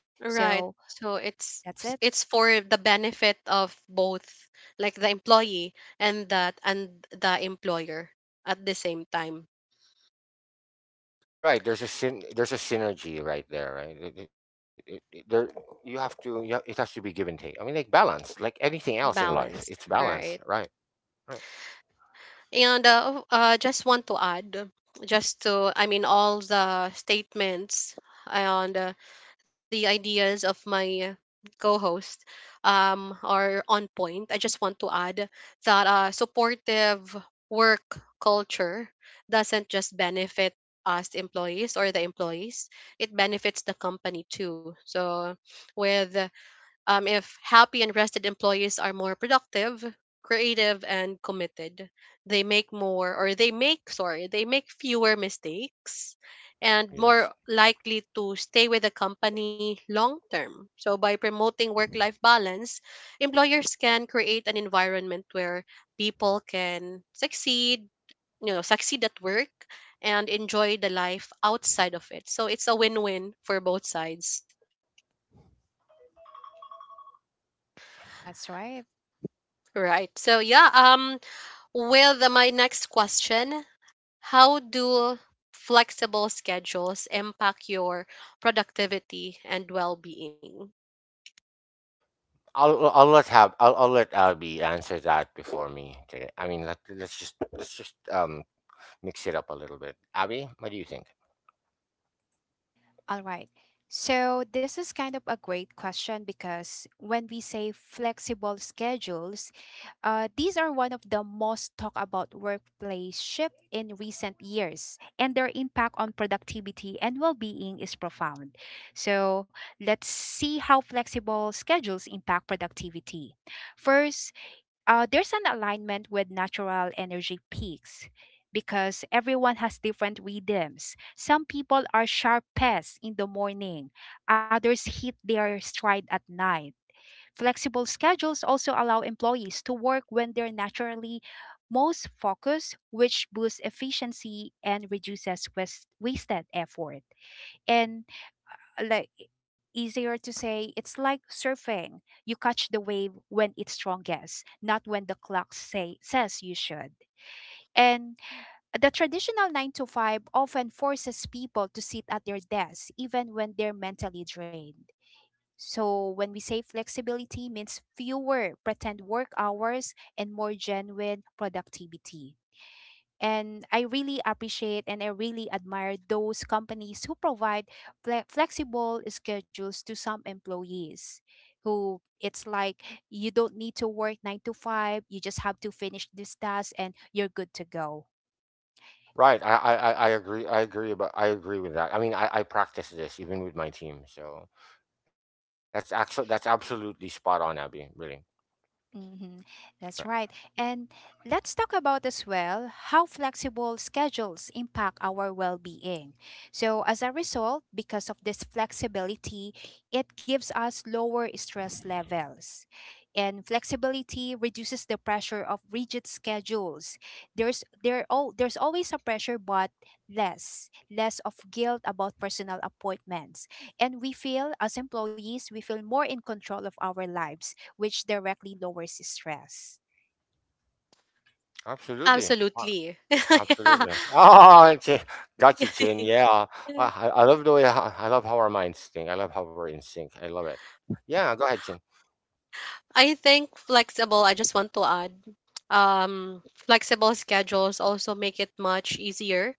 [SPEAKER 3] So
[SPEAKER 1] Right. So it's
[SPEAKER 3] that's it.
[SPEAKER 1] it's for the benefit of both, like the employee and that and the employer at the same time.
[SPEAKER 2] Right, there's a syn- there's a synergy right there, right? It, it, it, it- there you have to you have, it has to be give and take. I mean, like balance, like anything else in life, it's
[SPEAKER 1] Balance.
[SPEAKER 2] balance, right?
[SPEAKER 1] Right.
[SPEAKER 2] Right.
[SPEAKER 1] And uh, oh, uh, just want to add, just to, I mean, all the statements and uh, the ideas of my co-host um, are on point. I just want to add that uh, supportive work culture doesn't just benefit us employees or the employees; it benefits the company too. So, with um, if happy and rested employees are more productive, creative, and committed, they make more, or they make, sorry, they make fewer mistakes and
[SPEAKER 2] Yes.
[SPEAKER 1] more likely to stay with the company long term. So, by promoting work life balance, employers can create an environment where people can succeed, you know, succeed at work and enjoy the life outside of it. So, it's a win win for both sides.
[SPEAKER 3] That's right.
[SPEAKER 1] Right. So yeah, um, well, the, my next question: how do flexible schedules impact your productivity and well being?
[SPEAKER 2] I'll I'll let have I'll, I'll let Albie answer that before me today. I mean, let, let's just let's just um mix it up a little bit. Abby, what do you think?
[SPEAKER 3] All right. So, this is kind of a great question because when we say flexible schedules, uh, these are one of the most talked about workplace shift in recent years, and their impact on productivity and well being is profound. So, let's see how flexible schedules impact productivity. First, uh, there's an alignment with natural energy peaks because everyone has different rhythms. Some people are sharpest in the morning, others hit their stride at night. Flexible schedules also allow employees to work when they're naturally most focused, which boosts efficiency and reduces wast- wasted effort. And like e- easier to say, it's like surfing. You catch the wave when it's strongest, not when the clock say says you should. And the traditional nine to five often forces people to sit at their desks even when they're mentally drained. So when we say flexibility means fewer pretend work hours and more genuine productivity. And I really appreciate and I really admire those companies who provide fle- flexible schedules to some employees, who it's like you don't need to work nine to five, you just have to finish this task and you're good to go.
[SPEAKER 2] Right. I, I, I I agree. I agree about. I agree with that. I mean, I, I practice this even with my team. So that's actually that's absolutely spot on, Abby. Really.
[SPEAKER 3] Mm-hmm.
[SPEAKER 2] Right.
[SPEAKER 3] That's right. And let's talk about as well how flexible schedules impact our well being. So, as a result, because of this flexibility, it gives us lower stress levels. And flexibility reduces the pressure of rigid schedules. There's there all There's always a pressure, but less less of guilt about personal appointments. And we feel as employees, we feel more in control of our lives, which directly lowers stress?
[SPEAKER 2] Absolutely. Uh,
[SPEAKER 1] Absolutely. [LAUGHS]
[SPEAKER 2] Absolutely. [LAUGHS] Oh, okay. Got you,
[SPEAKER 1] Yeah.
[SPEAKER 2] Chin. Yeah. I, I
[SPEAKER 1] [LAUGHS]
[SPEAKER 2] I love the way. I, I love how our minds think. I love how we're in sync. I love it. Yeah. Go ahead, Chin.
[SPEAKER 1] I think flexible, I just want to add, um, flexible schedules also make it much easier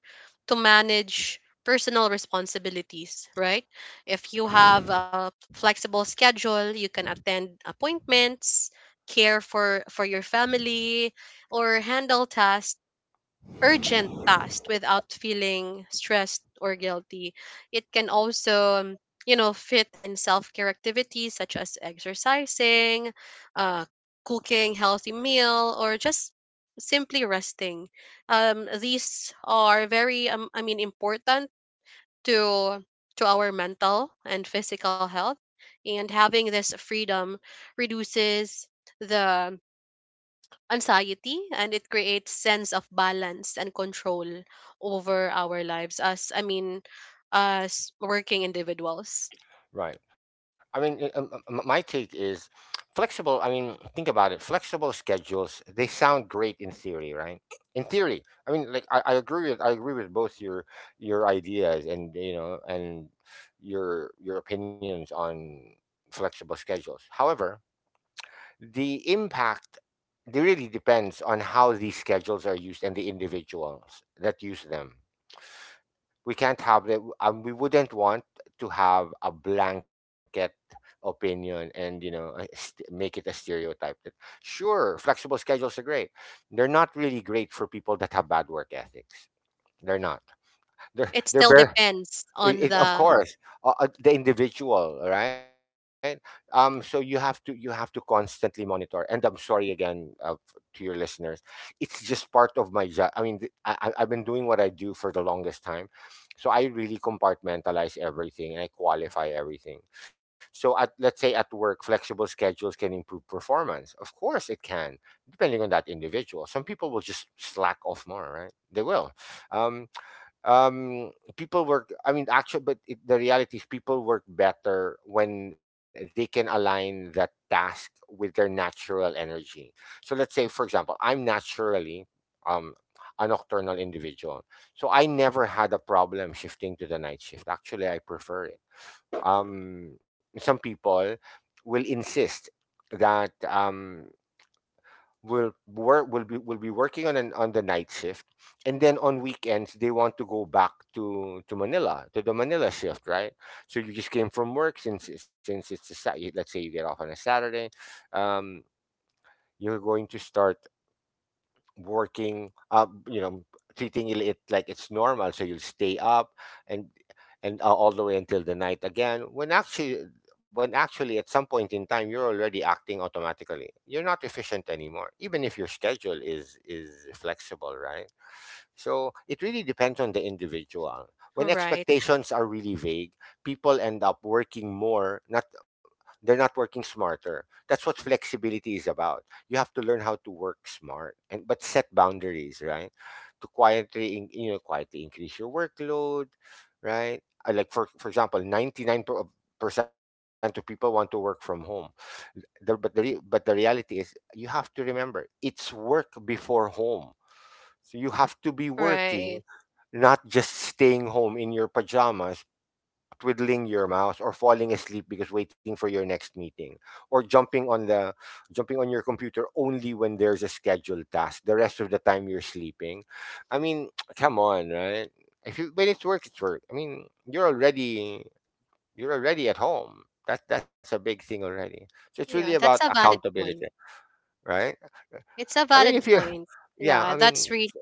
[SPEAKER 1] to manage personal responsibilities, right? If you have a flexible schedule, you can attend appointments, care for for your family, or handle tasks, urgent tasks, without feeling stressed or guilty. It can also, um, you know, fit in self care activities such as exercising, uh, cooking healthy meal, or just simply resting. Um, these are very, um, I mean, important to to our mental and physical health. And having this freedom reduces the anxiety and it creates sense of balance and control over our lives, as I mean, as working individuals.
[SPEAKER 2] Right. I mean, uh, um, um, my take is flexible. I mean, think about it. Flexible schedules, they sound great in theory, right? In theory. I mean, like I, I agree with I agree with both your your ideas, and you know, and your your opinions on flexible schedules. However, the impact, it really depends on how these schedules are used and the individuals that use them. We can't have that, um, we wouldn't want to have a blanket opinion, and you know, a st- make it a stereotype that sure, flexible schedules are great. They're not really great for people that have bad work ethics. they're not they're
[SPEAKER 1] It
[SPEAKER 2] they're
[SPEAKER 1] still
[SPEAKER 2] bare.
[SPEAKER 1] depends on
[SPEAKER 2] It, it, of
[SPEAKER 1] the…
[SPEAKER 2] course, uh, uh, the individual, right? Um, so you have to you have to constantly monitor. And I'm sorry again, uh, f- to your listeners. It's just part of my job. I mean, th- I, I- I've been doing what I do for the longest time, so I really compartmentalize everything and I qualify everything. So, at let's say at work, flexible schedules can improve performance. Of course, it can, depending on that individual. Some people will just slack off more, right? They will. Um, um people work I mean actually but it, the reality is people work better when they can align that task with their natural energy. So let's say, for example, I'm naturally, um a nocturnal individual. So I never had a problem shifting to the night shift. Actually, I prefer it. um some people will insist that, um will work will be will be working on an on the night shift. And then on weekends, they want to go back to to manila to the Manila shift, right? So you just came from work, since since it's a Sa- let's say you get off on a Saturday. um you're going to start working up, you know, treating it like it's normal, so you'll stay up, and and uh, all the way until the night again, when actually, when actually at some point in time, you're already acting automatically. You're not efficient anymore, even if your schedule is is flexible, right? So it really depends on the individual. When
[SPEAKER 1] Right.
[SPEAKER 2] expectations are really vague, people end up working more, not, they're not working smarter. That's what flexibility is about. You have to learn how to work smart, and but set boundaries, right? To quietly in, you know quietly increase your workload, right? Uh, like, for for example, ninety-nine percent of people want to work from home. The, but the re, but the reality is, you have to remember, it's work before home. So you have to be working,
[SPEAKER 1] Right.
[SPEAKER 2] not just staying home in your pajamas, twiddling your mouse or falling asleep because waiting for your next meeting, or jumping on the jumping on your computer only when there's a scheduled task, the rest of the time you're sleeping. I mean, [TSK] come on, right? if you When it's work, it's work. I mean, you're already, you're already at home. That that's a big thing already. So it's really
[SPEAKER 1] Yeah,
[SPEAKER 2] about
[SPEAKER 1] that's a valid
[SPEAKER 2] accountability,
[SPEAKER 1] point.
[SPEAKER 2] right?
[SPEAKER 1] It's a
[SPEAKER 2] I mean, if
[SPEAKER 1] valid
[SPEAKER 2] you
[SPEAKER 1] point.
[SPEAKER 2] [SIGHS] yeah, I
[SPEAKER 1] Yeah,
[SPEAKER 2] mean,
[SPEAKER 1] that's really…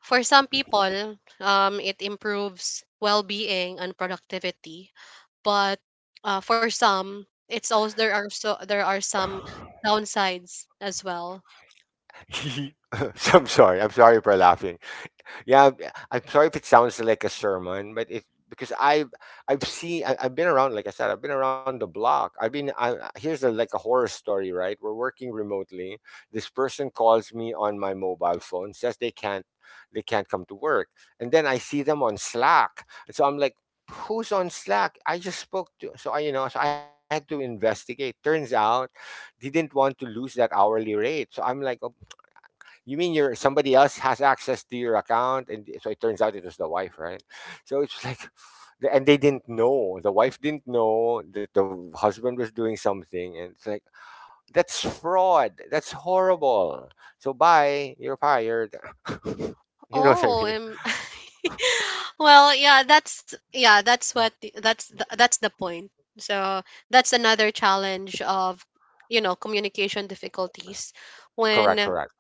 [SPEAKER 1] For some people um it improves well-being and productivity, but uh, for some it's also there are so there are some
[SPEAKER 2] [SIGHS]
[SPEAKER 1] downsides as well.
[SPEAKER 2] [LAUGHS] i'm sorry i'm sorry for laughing. Yeah, b- I'm sorry if it sounds like a sermon, but it because i've i've seen I, I've been around, like I said, I've been around the block, I've been, I, I- here's a, like a horror story, right? We're working remotely. This person calls me on my mobile phone, says they can't, they can't come to work. And then I see them on Slack, and so I'm like, who's on Slack? I just spoke to, so i you know so I had to investigate. Turns out he didn't want to lose that hourly rate, so I'm like, you mean your somebody else has access to your account? And so it turns out it was the wife, right? So it's like, the- and they didn't know. The wife didn't know that the husband was doing something, and it's like, that's fraud. That's horrible. So bye. You're fired. [LAUGHS] You know what I
[SPEAKER 1] Oh,
[SPEAKER 2] mean?
[SPEAKER 1] um, [LAUGHS] well, yeah, that's, yeah, that's what the- that's the, that's the point. So that's another challenge of, you know, communication difficulties
[SPEAKER 2] Correct.
[SPEAKER 1] when…
[SPEAKER 2] Correct.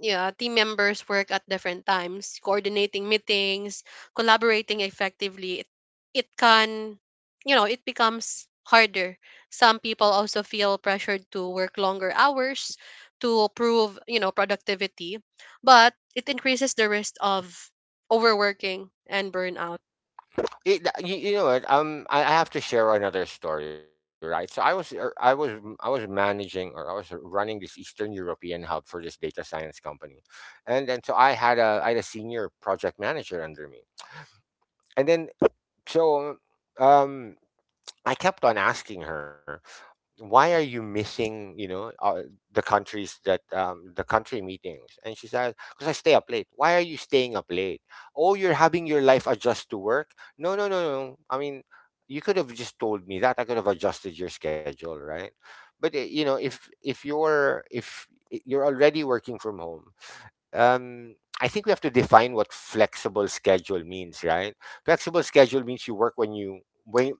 [SPEAKER 1] Yeah, team members work at different times, coordinating meetings, collaborating effectively. It, it can, you know, it becomes harder. Some people also feel pressured to work longer hours to prove, you know, productivity, but it increases the risk of overworking and burnout.
[SPEAKER 2] It, you, you know what? Um, I, I have to share another story, right? So I was, er, I was, m- I was managing, or I was uh, running this Eastern European hub for this data science company, and then so I had a, I had a senior project manager under me, and then so, um, I kept on asking her, why are you missing, you know uh, the countries that um, the country meetings? And she said, because I stay up late. Why are you staying up late? Oh, you're having your life adjust to work. No, no, no, no, I mean, you could have just told me that. I could have adjusted your schedule, right? But uh, you know, if if you're if I- you're already working from home. um I think we have to define what flexible schedule means, right? Flexible schedule means you work when you when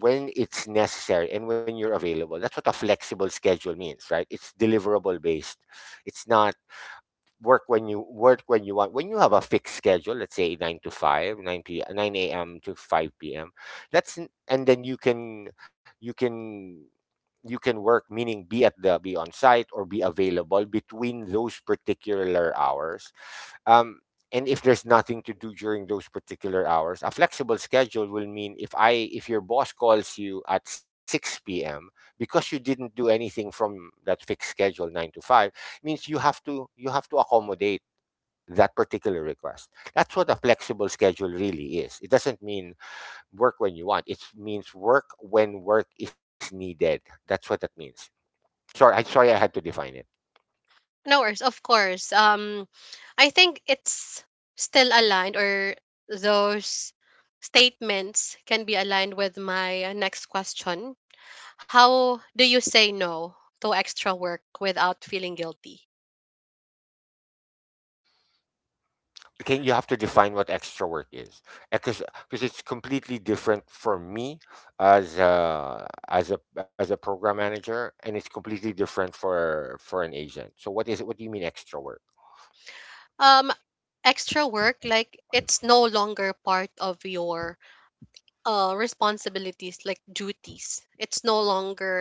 [SPEAKER 2] when it's necessary and when you're available. That's what a flexible schedule means, right? It's deliverable based. It's not work when you work when you want. When you have a fixed schedule, let's say nine to five, nine p nine a.m. to five p.m. That's n- and then you can you can you can work, meaning be at the, be on site, or be available between those particular hours, um, and if there's nothing to do during those particular hours, a flexible schedule will mean, if I if your boss calls you at six p m because you didn't do anything from that fixed schedule nine to five, means you have to you have to accommodate that particular request. That's what a flexible schedule really is. It doesn't mean work when you want. It means work when work is needed. That's what that means. Sorry, I sorry I had to define it.
[SPEAKER 1] No worries, of course. Um, I think it's still aligned, or those statements can be aligned with my next question. How do you say no to extra work without feeling guilty?
[SPEAKER 2] Can you, have to define what extra work is? Because, because it's completely different for me as a as a as a program manager, and it's completely different for for an agent. So what is it? What do you mean extra work?
[SPEAKER 1] um Extra work, like it's no longer part of your uh responsibilities, like duties, it's no longer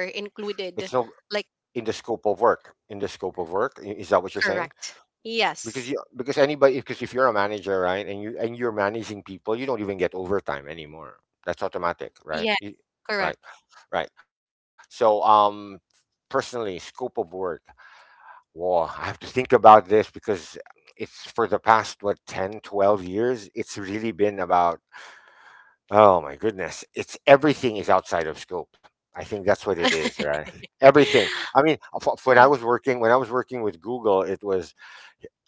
[SPEAKER 2] It's
[SPEAKER 1] included,
[SPEAKER 2] no
[SPEAKER 1] like…
[SPEAKER 2] In the scope of work. In the scope of work, i- is that what you're saying?
[SPEAKER 1] Correct. Yes.
[SPEAKER 2] Because you because anybody because if you're a manager, right, and you and you're managing people, you don't even get overtime anymore. That's
[SPEAKER 1] Yes,
[SPEAKER 2] automatic, right? You,
[SPEAKER 1] correct.
[SPEAKER 2] right, right. So um personally, scope of work. Whoa, I have to think about this because it's for the past, what, ten, twelve years, it's really been about, oh my goodness, it's everything is outside of scope. I think that's what it is,
[SPEAKER 1] [LAUGHS]
[SPEAKER 2] right? Everything. I mean, f- f- when I
[SPEAKER 1] Huh.
[SPEAKER 2] was working when I was working with Google, it was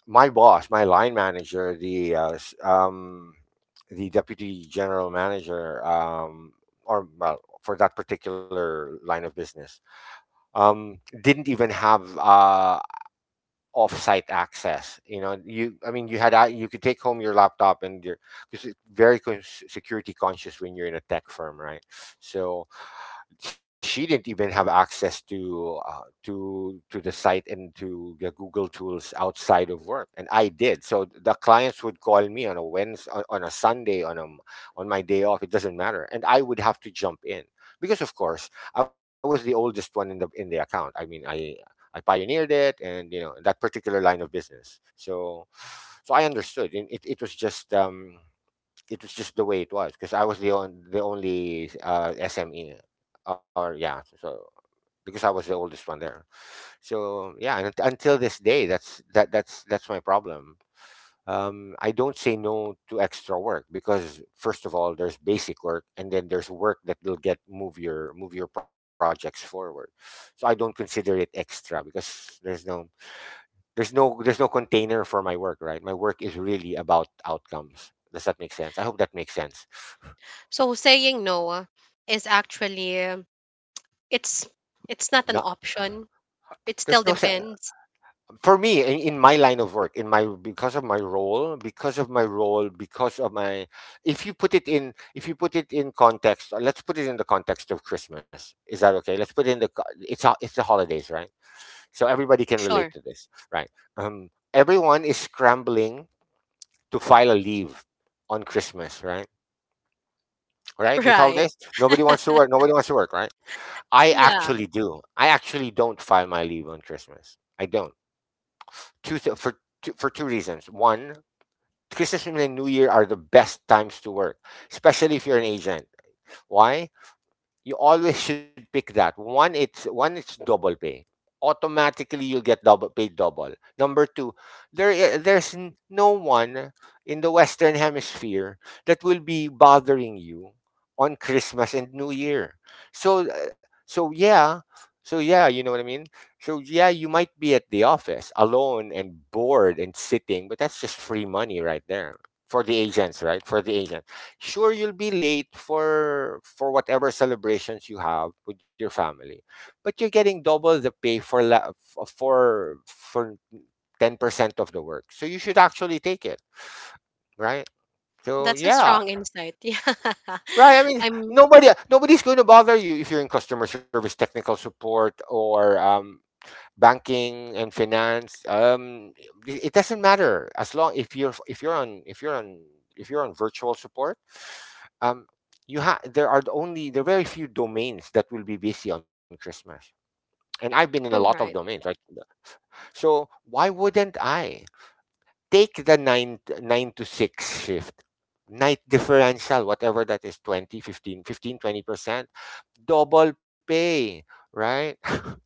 [SPEAKER 2] my boss, my line manager, the uh, s- um, the deputy general manager, um, or, well, for that particular line of business, um, didn't even have uh, off-site access. You know, you I mean, you had a- you could take home your laptop and your, because it's very con- security conscious when you're in a tech firm, right? So she didn't even have access to uh, to to the site and to the Google tools outside of work, and I did. So the clients would call me on a Wednesday, on on a Sunday, on a, m- on my day off. It doesn't matter, and I would have to jump in because, of course, I was the oldest one in the in the account. I mean, I I pioneered it, and you know, that particular line of business. So so I understood, and it it was just um it was just the way it was, because I was the on, the only uh, S M E, or yeah, so because I was the oldest one there. So yeah, and unt- until this day, that's that that's that's my problem. um, I don't say no to extra work, because first of all there's basic work, and then there's work that will get move your move your projects forward. So I don't consider it extra, because there's no there's no there's no container for my work. Right, my work is really about outcomes. Does that make sense? I hope that makes sense.
[SPEAKER 1] So saying no uh, is actually, um, it's it's not an
[SPEAKER 2] No,
[SPEAKER 1] option. It still
[SPEAKER 2] there's no sense
[SPEAKER 1] depends.
[SPEAKER 2] for me in, in my line of work, in my, because of my role, because of my role, because of my... if you put it in If you put it in context. Uh, let's put it in the context of Christmas. Is that okay? Let's put it in the co- it's ho- it's the holidays, right? So everybody can relate to
[SPEAKER 1] Sure.
[SPEAKER 2] this, right? Um everyone is scrambling to file a leave on Christmas, right?
[SPEAKER 1] [LAUGHS]
[SPEAKER 2] Right, these
[SPEAKER 1] Right.
[SPEAKER 2] holidays, nobody wants to work, nobody wants to work, right? I
[SPEAKER 1] Yeah,
[SPEAKER 2] actually do. I actually don't file my leave on Christmas. I don't. Two th- for two, For two reasons. One, Christmas and New Year are the best times to work, especially if you're an agent. Why? You always should pick that. One, it's one, it's double pay. Automatically, you'll get double paid double. Number two, there I- there's n- no one in the Western Hemisphere that will be bothering you on Christmas and New Year. So uh, so yeah, so yeah, you know what I mean. So yeah, you might be at the office alone and bored and sitting, but that's just free money right there for the agents, right? For the agent. Sure, you'll be late for for whatever celebrations you have with your family, but you're getting double the pay for la- f- for for ten percent of the work, so you should actually take it, right? So
[SPEAKER 1] that's a
[SPEAKER 2] yeah.
[SPEAKER 1] strong insight. [LAUGHS] Yeah.
[SPEAKER 2] Right, I mean
[SPEAKER 1] I'm…
[SPEAKER 2] nobody nobody's going to bother you if you're in customer service, technical support, or um, banking and finance. um it it doesn't matter, as long if you're if you're on if you're on if you're on virtual support. um you have There are only there are very few domains that will be busy on Christmas. And I've been in a lot of domains,
[SPEAKER 1] Right.
[SPEAKER 2] right? So why wouldn't I take the nine nine to six shift? Night differential, whatever that is, twenty, fifteen fifteen twenty percent. Double pay, right? [LAUGHS]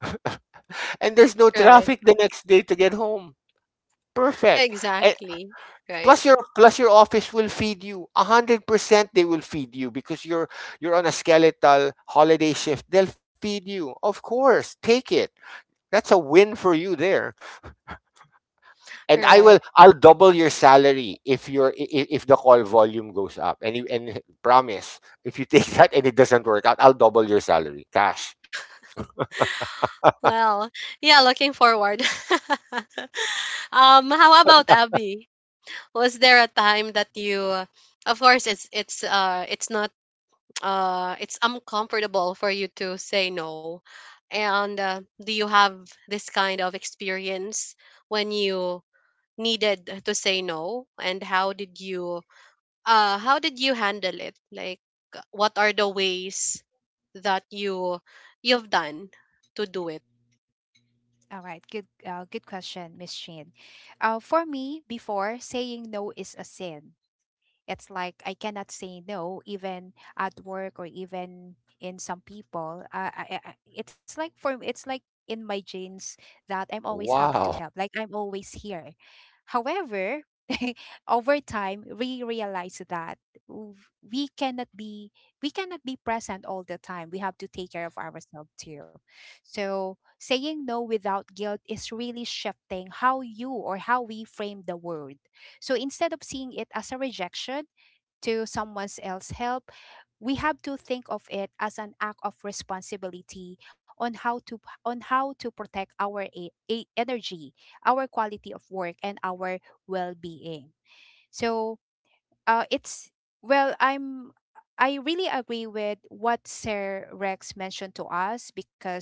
[SPEAKER 2] And there's no traffic
[SPEAKER 1] Right.
[SPEAKER 2] the next day to get home. Perfect. And
[SPEAKER 1] Exactly. Right.
[SPEAKER 2] plus your plus your office will feed you. A hundred percent they will feed you, because you're you're on a skeletal holiday shift. They'll feed you. Of course. Take it. That's a win for you there. And I will
[SPEAKER 1] Right.
[SPEAKER 2] I'll double your salary if your if, if the call volume goes up. And you and promise, if you take [LAUGHS] that, and it doesn't work out, I'll double your salary. Cash.
[SPEAKER 1] Well, yeah, looking forward. [LAUGHS] Um, how about Abby? Was there a time that you uh, of course it's it's uh, it's not uh it's uncomfortable for you to say no. And uh, do you have this kind of experience when you needed to say no, and how did you uh how did you handle it, like what are the ways that you, you've done to do it?
[SPEAKER 3] All right, good, uh, good question, Miss Shane. Uh, for me, before saying no is a sin. It's like I cannot say no, even at work or even in some people. Uh, I, I, I- it's like for, it's like in my genes that I'm always happy to
[SPEAKER 2] Wow.
[SPEAKER 3] help. Like I'm always here. However, [LAUGHS] over time, we realize that w- we cannot be we cannot be present all the time. We have to take care of ourselves too. So saying no without guilt is really shifting how you or how we frame the word. So instead of seeing it as a rejection to someone else's help, we have to think of it as an act of responsibility on how to p- on how to protect our a, a- energy, our quality of work and our well-being. So uh, it's, well, I'm, I really agree with what Sir Rex mentioned to us because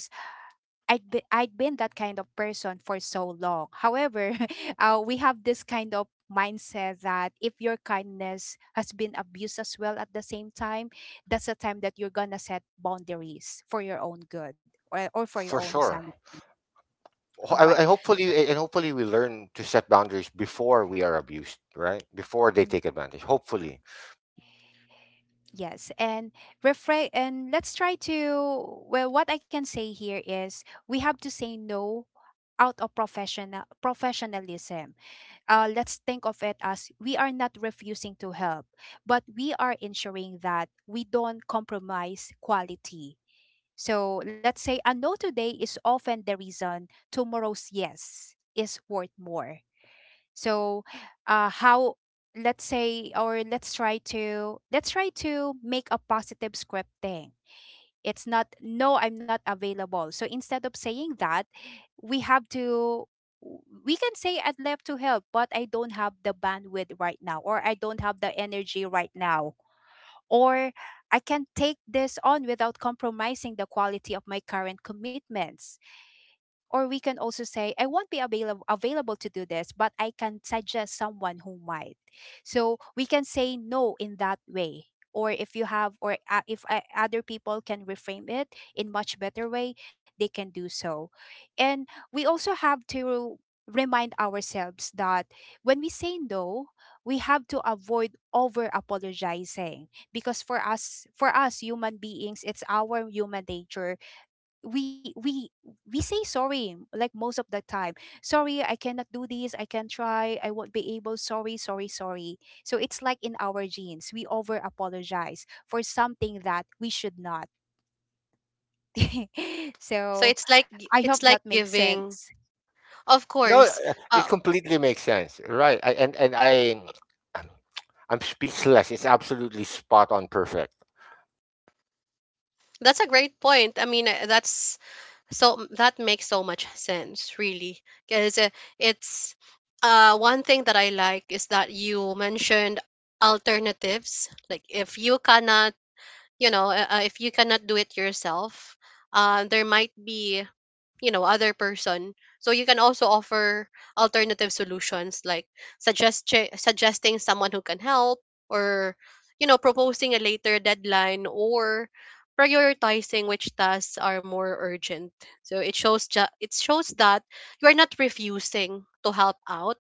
[SPEAKER 3] I'd be, I'd been that kind of person for so long. However, [LAUGHS] uh, we have this kind of mindset that if your kindness has been abused as well at the same time, that's the time that you're gonna set boundaries for your own good, or, or for your
[SPEAKER 2] For
[SPEAKER 3] own
[SPEAKER 2] sure.
[SPEAKER 3] sanity. All
[SPEAKER 2] ho- and
[SPEAKER 3] right.
[SPEAKER 2] and hopefully and hopefully we learn to set boundaries before we are abused, right? Before they
[SPEAKER 3] Mm.
[SPEAKER 2] take advantage, hopefully.
[SPEAKER 3] Yes, and refrain. And let's try to, well, what I can say here is we have to say no out of professional professionalism. Uh, let's think of it as we are not refusing to help, but we are ensuring that we don't compromise quality. So let's say a no today is often the reason tomorrow's yes is worth more. So, uh, how let's say or let's try to let's try to make a positive script thing. It's not no, I'm not available. So instead of saying that, we have to, we can say I'd love to help, but I don't have the bandwidth right now, or I don't have the energy right now, or I can take this on without compromising the quality of my current commitments. Or we can also say, I won't be available available to do this, but I can suggest someone who might. So we can say no in that way. Or if you have, or uh, if uh, other people can reframe it in much better way, they can do so. And we also have to remind ourselves that when we say no, we have to avoid over apologizing because for us, for us human beings, it's our human nature. We we we say sorry like most of the time. Sorry, I cannot do this, I can try, I won't be able, sorry, sorry, sorry. So it's like in our genes we over apologize for something that we should not. [LAUGHS]
[SPEAKER 1] So
[SPEAKER 3] So
[SPEAKER 1] it's like gi-
[SPEAKER 3] I hope
[SPEAKER 1] it's
[SPEAKER 3] that
[SPEAKER 1] like
[SPEAKER 3] makes
[SPEAKER 1] giving…
[SPEAKER 3] sense.
[SPEAKER 1] Of
[SPEAKER 2] No,
[SPEAKER 1] course.
[SPEAKER 2] uh, it
[SPEAKER 1] uh
[SPEAKER 2] completely makes sense, right? I, and and I I'm I'm speechless. It's absolutely spot on, perfect.
[SPEAKER 1] that's a great point. I mean, uh, that's, so that makes so much sense, really. Because uh, it's uh one thing that I like is that you mentioned alternatives. Like if you cannot, you know, uh, uh, if you cannot do it yourself, uh, there might be, you know, other person. So you can also offer alternative solutions, like suggest suggesting someone who can help, or, you know, proposing a later deadline, or prioritizing which tasks are more urgent. So it shows, ju- it shows that you are not refusing to help out,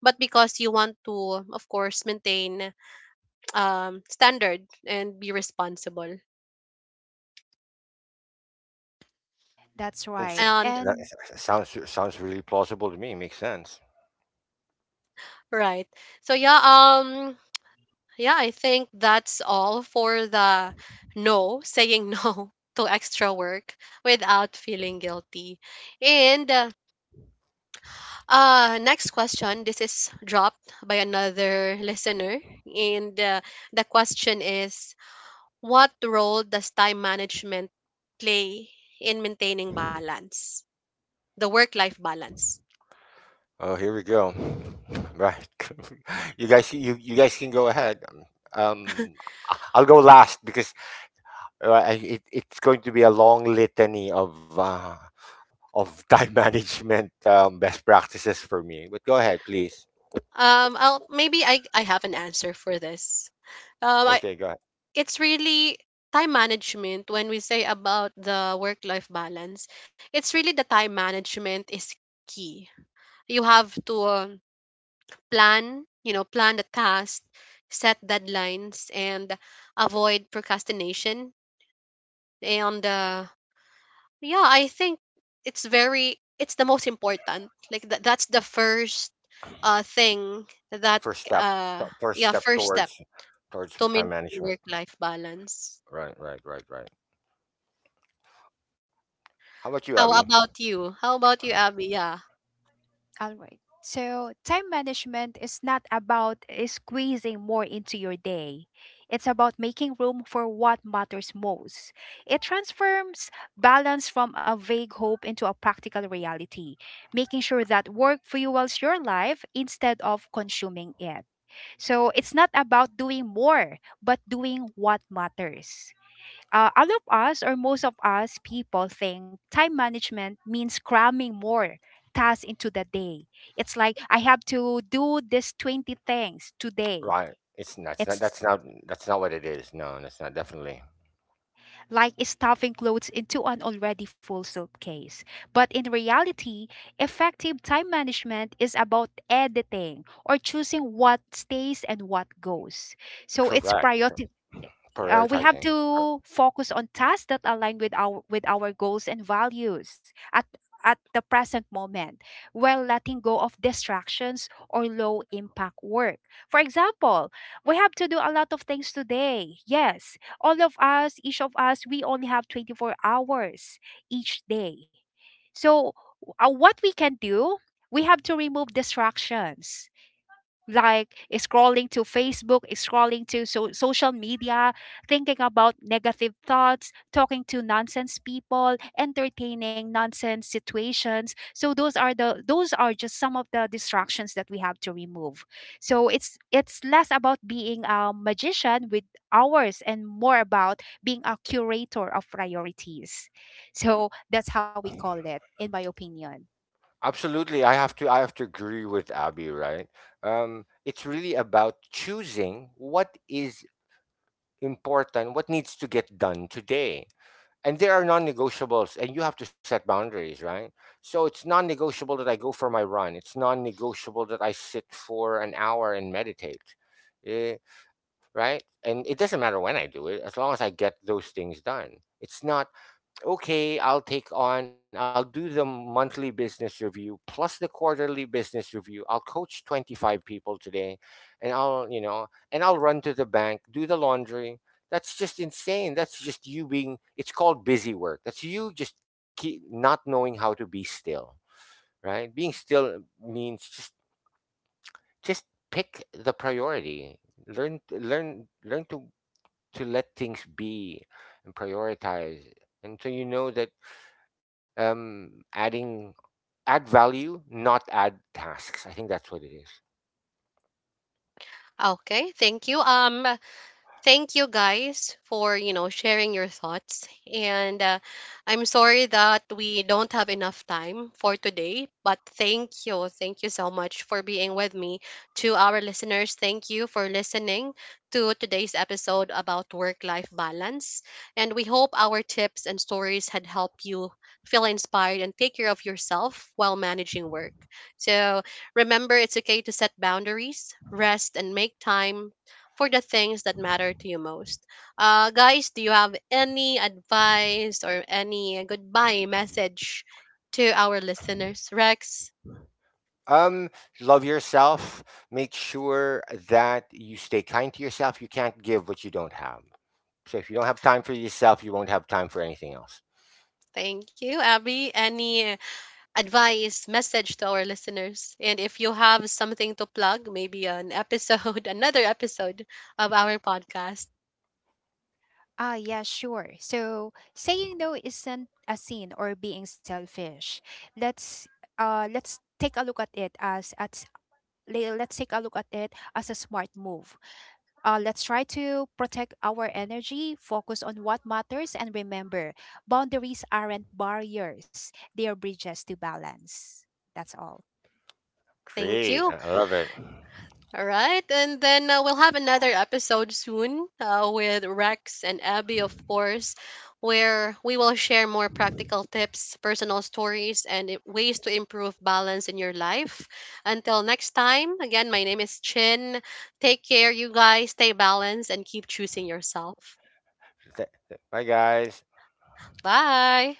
[SPEAKER 1] but because you want to, of course, maintain um standard and be responsible.
[SPEAKER 3] That's
[SPEAKER 2] Sounds
[SPEAKER 3] right,
[SPEAKER 1] And…
[SPEAKER 2] that
[SPEAKER 3] and
[SPEAKER 2] s- s- sounds Sounds really plausible to me, makes sense.
[SPEAKER 1] Right. So yeah, um, yeah, I think that's all for the… No, saying no [LAUGHS] to extra work without feeling guilty. And uh, uh, next question, this is dropped by another listener. And uh, the question is: what role does time management play in maintaining balance, the work life balance?
[SPEAKER 2] Oh, here we go. [LAUGHS] Right. [LAUGHS] You guys, you you guys can go ahead. um I- I'll go last, because uh, I- it, it's going to be a long litany of uh, of time [LAUGHS] management um, best practices for me. But go ahead, please.
[SPEAKER 1] Um, I'll, maybe I, I have an answer for this. Um, I,
[SPEAKER 2] Okay, go ahead.
[SPEAKER 1] it's really time management. When we say about the work life balance, it's really the time management is key. You have to uh, plan, you know, plan the task, set deadlines, and avoid procrastination. And uh, yeah, I think it's very, it's the most important, like that, that's the first uh thing that…
[SPEAKER 2] First step,
[SPEAKER 1] uh
[SPEAKER 2] t- first
[SPEAKER 1] yeah,
[SPEAKER 2] step
[SPEAKER 1] first step
[SPEAKER 2] towards towards
[SPEAKER 1] to
[SPEAKER 2] time
[SPEAKER 1] maintain
[SPEAKER 2] management.
[SPEAKER 1] work life balance.
[SPEAKER 2] Right, right, right, right. How about you,
[SPEAKER 1] How
[SPEAKER 2] Abby?
[SPEAKER 1] about you? How about you, Abby? Yeah.
[SPEAKER 3] all right. So, time management is not about uh, squeezing more into your day. It's about making room for what matters most. It transforms balance from a vague hope into a practical reality, making sure that work fuels your life instead of consuming it. So, it's not about doing more, but doing what matters. Uh, all of us, or most of us, people think time management means cramming more tasks into the day. It's like I have to do this twenty things today.
[SPEAKER 2] Right. It's that's not
[SPEAKER 3] It's
[SPEAKER 2] that's not. That's not what it is. No, that's not. Definitely
[SPEAKER 3] like stuffing clothes into an already full suitcase. But in reality, effective time management is about editing or choosing what stays and what goes. So it's
[SPEAKER 2] correct.
[SPEAKER 3] priority. Uh, we have
[SPEAKER 2] Prioritizing. Cor-
[SPEAKER 3] to focus on tasks that align with our with our goals and values at at the present moment while letting go of distractions or low impact work. For example, we have to do a lot of things today, yes, all of us, each of us, we only have twenty-four hours each day. So uh, what we can do, we have to remove distractions, like scrolling to Facebook, scrolling to so- social media, thinking about negative thoughts, talking to nonsense people, entertaining nonsense situations. So those are the, those are just some of the distractions that we have to remove. So it's it's less about being a magician with hours and more about being a curator of priorities. So that's how we call it, in my opinion.
[SPEAKER 2] Absolutely, I have to. I have to agree with Abby. Right. Um, it's really about choosing what is important, what needs to get done today. And there are non-negotiables, and you have to set boundaries, right? So it's non-negotiable that I go for my run. It's non-negotiable that I sit for an hour and meditate. eh, right, and it doesn't matter when I do it, as long as I get those things done. It's not okay. I'll take on, I'll do the monthly business review plus the quarterly business review. I'll coach twenty-five people today, and I'll, you know, and I'll run to the bank, do the laundry. That's just insane. That's just you being, it's called busy work. That's you just keep not knowing how to be still, right? Being still means just, just pick the priority. Learn, learn, learn to, to let things be and prioritize. And so you know that um adding add value, not add tasks. I think that's what it is.
[SPEAKER 1] Okay, thank you. Um, thank you guys for, you know, sharing your thoughts, and uh, I'm sorry that we don't have enough time for today, but thank you, thank you so much for being with me. To our listeners, thank you for listening to today's episode about work life balance, and we hope our tips and stories had helped you feel inspired and take care of yourself while managing work. So, remember, it's okay to set boundaries, rest, and make time for the things that matter to you most. Uh, guys, do you have any advice or any goodbye message to our listeners? Rex,
[SPEAKER 2] um Love yourself. Make sure that you stay kind to yourself. You can't give what you don't have. So if you don't have time for yourself, you won't have time for anything else.
[SPEAKER 1] thank you. Abby, any advice, message to our listeners? And if you have something to plug, maybe an episode, [LAUGHS] another episode of our podcast.
[SPEAKER 3] Ah, yeah, sure. So saying no isn't a sin or being selfish. Let's uh let's take a look at it as at, le- let's take a look at it as a smart move. Uh, let's try to protect our energy, focus on what matters, and remember boundaries aren't barriers, they are bridges to balance. That's all.
[SPEAKER 1] Thank
[SPEAKER 2] Great, i
[SPEAKER 1] you.
[SPEAKER 2] I love it.
[SPEAKER 1] All right. And then uh, we'll have another episode soon uh, with Rex and Abby, of course, where we will share more practical tips, personal stories, and i- ways to improve balance in your life. Until next time, again, my name is Chin. Take care, you guys. Stay balanced and keep choosing yourself.
[SPEAKER 2] Th- th- bye, guys.
[SPEAKER 1] Bye.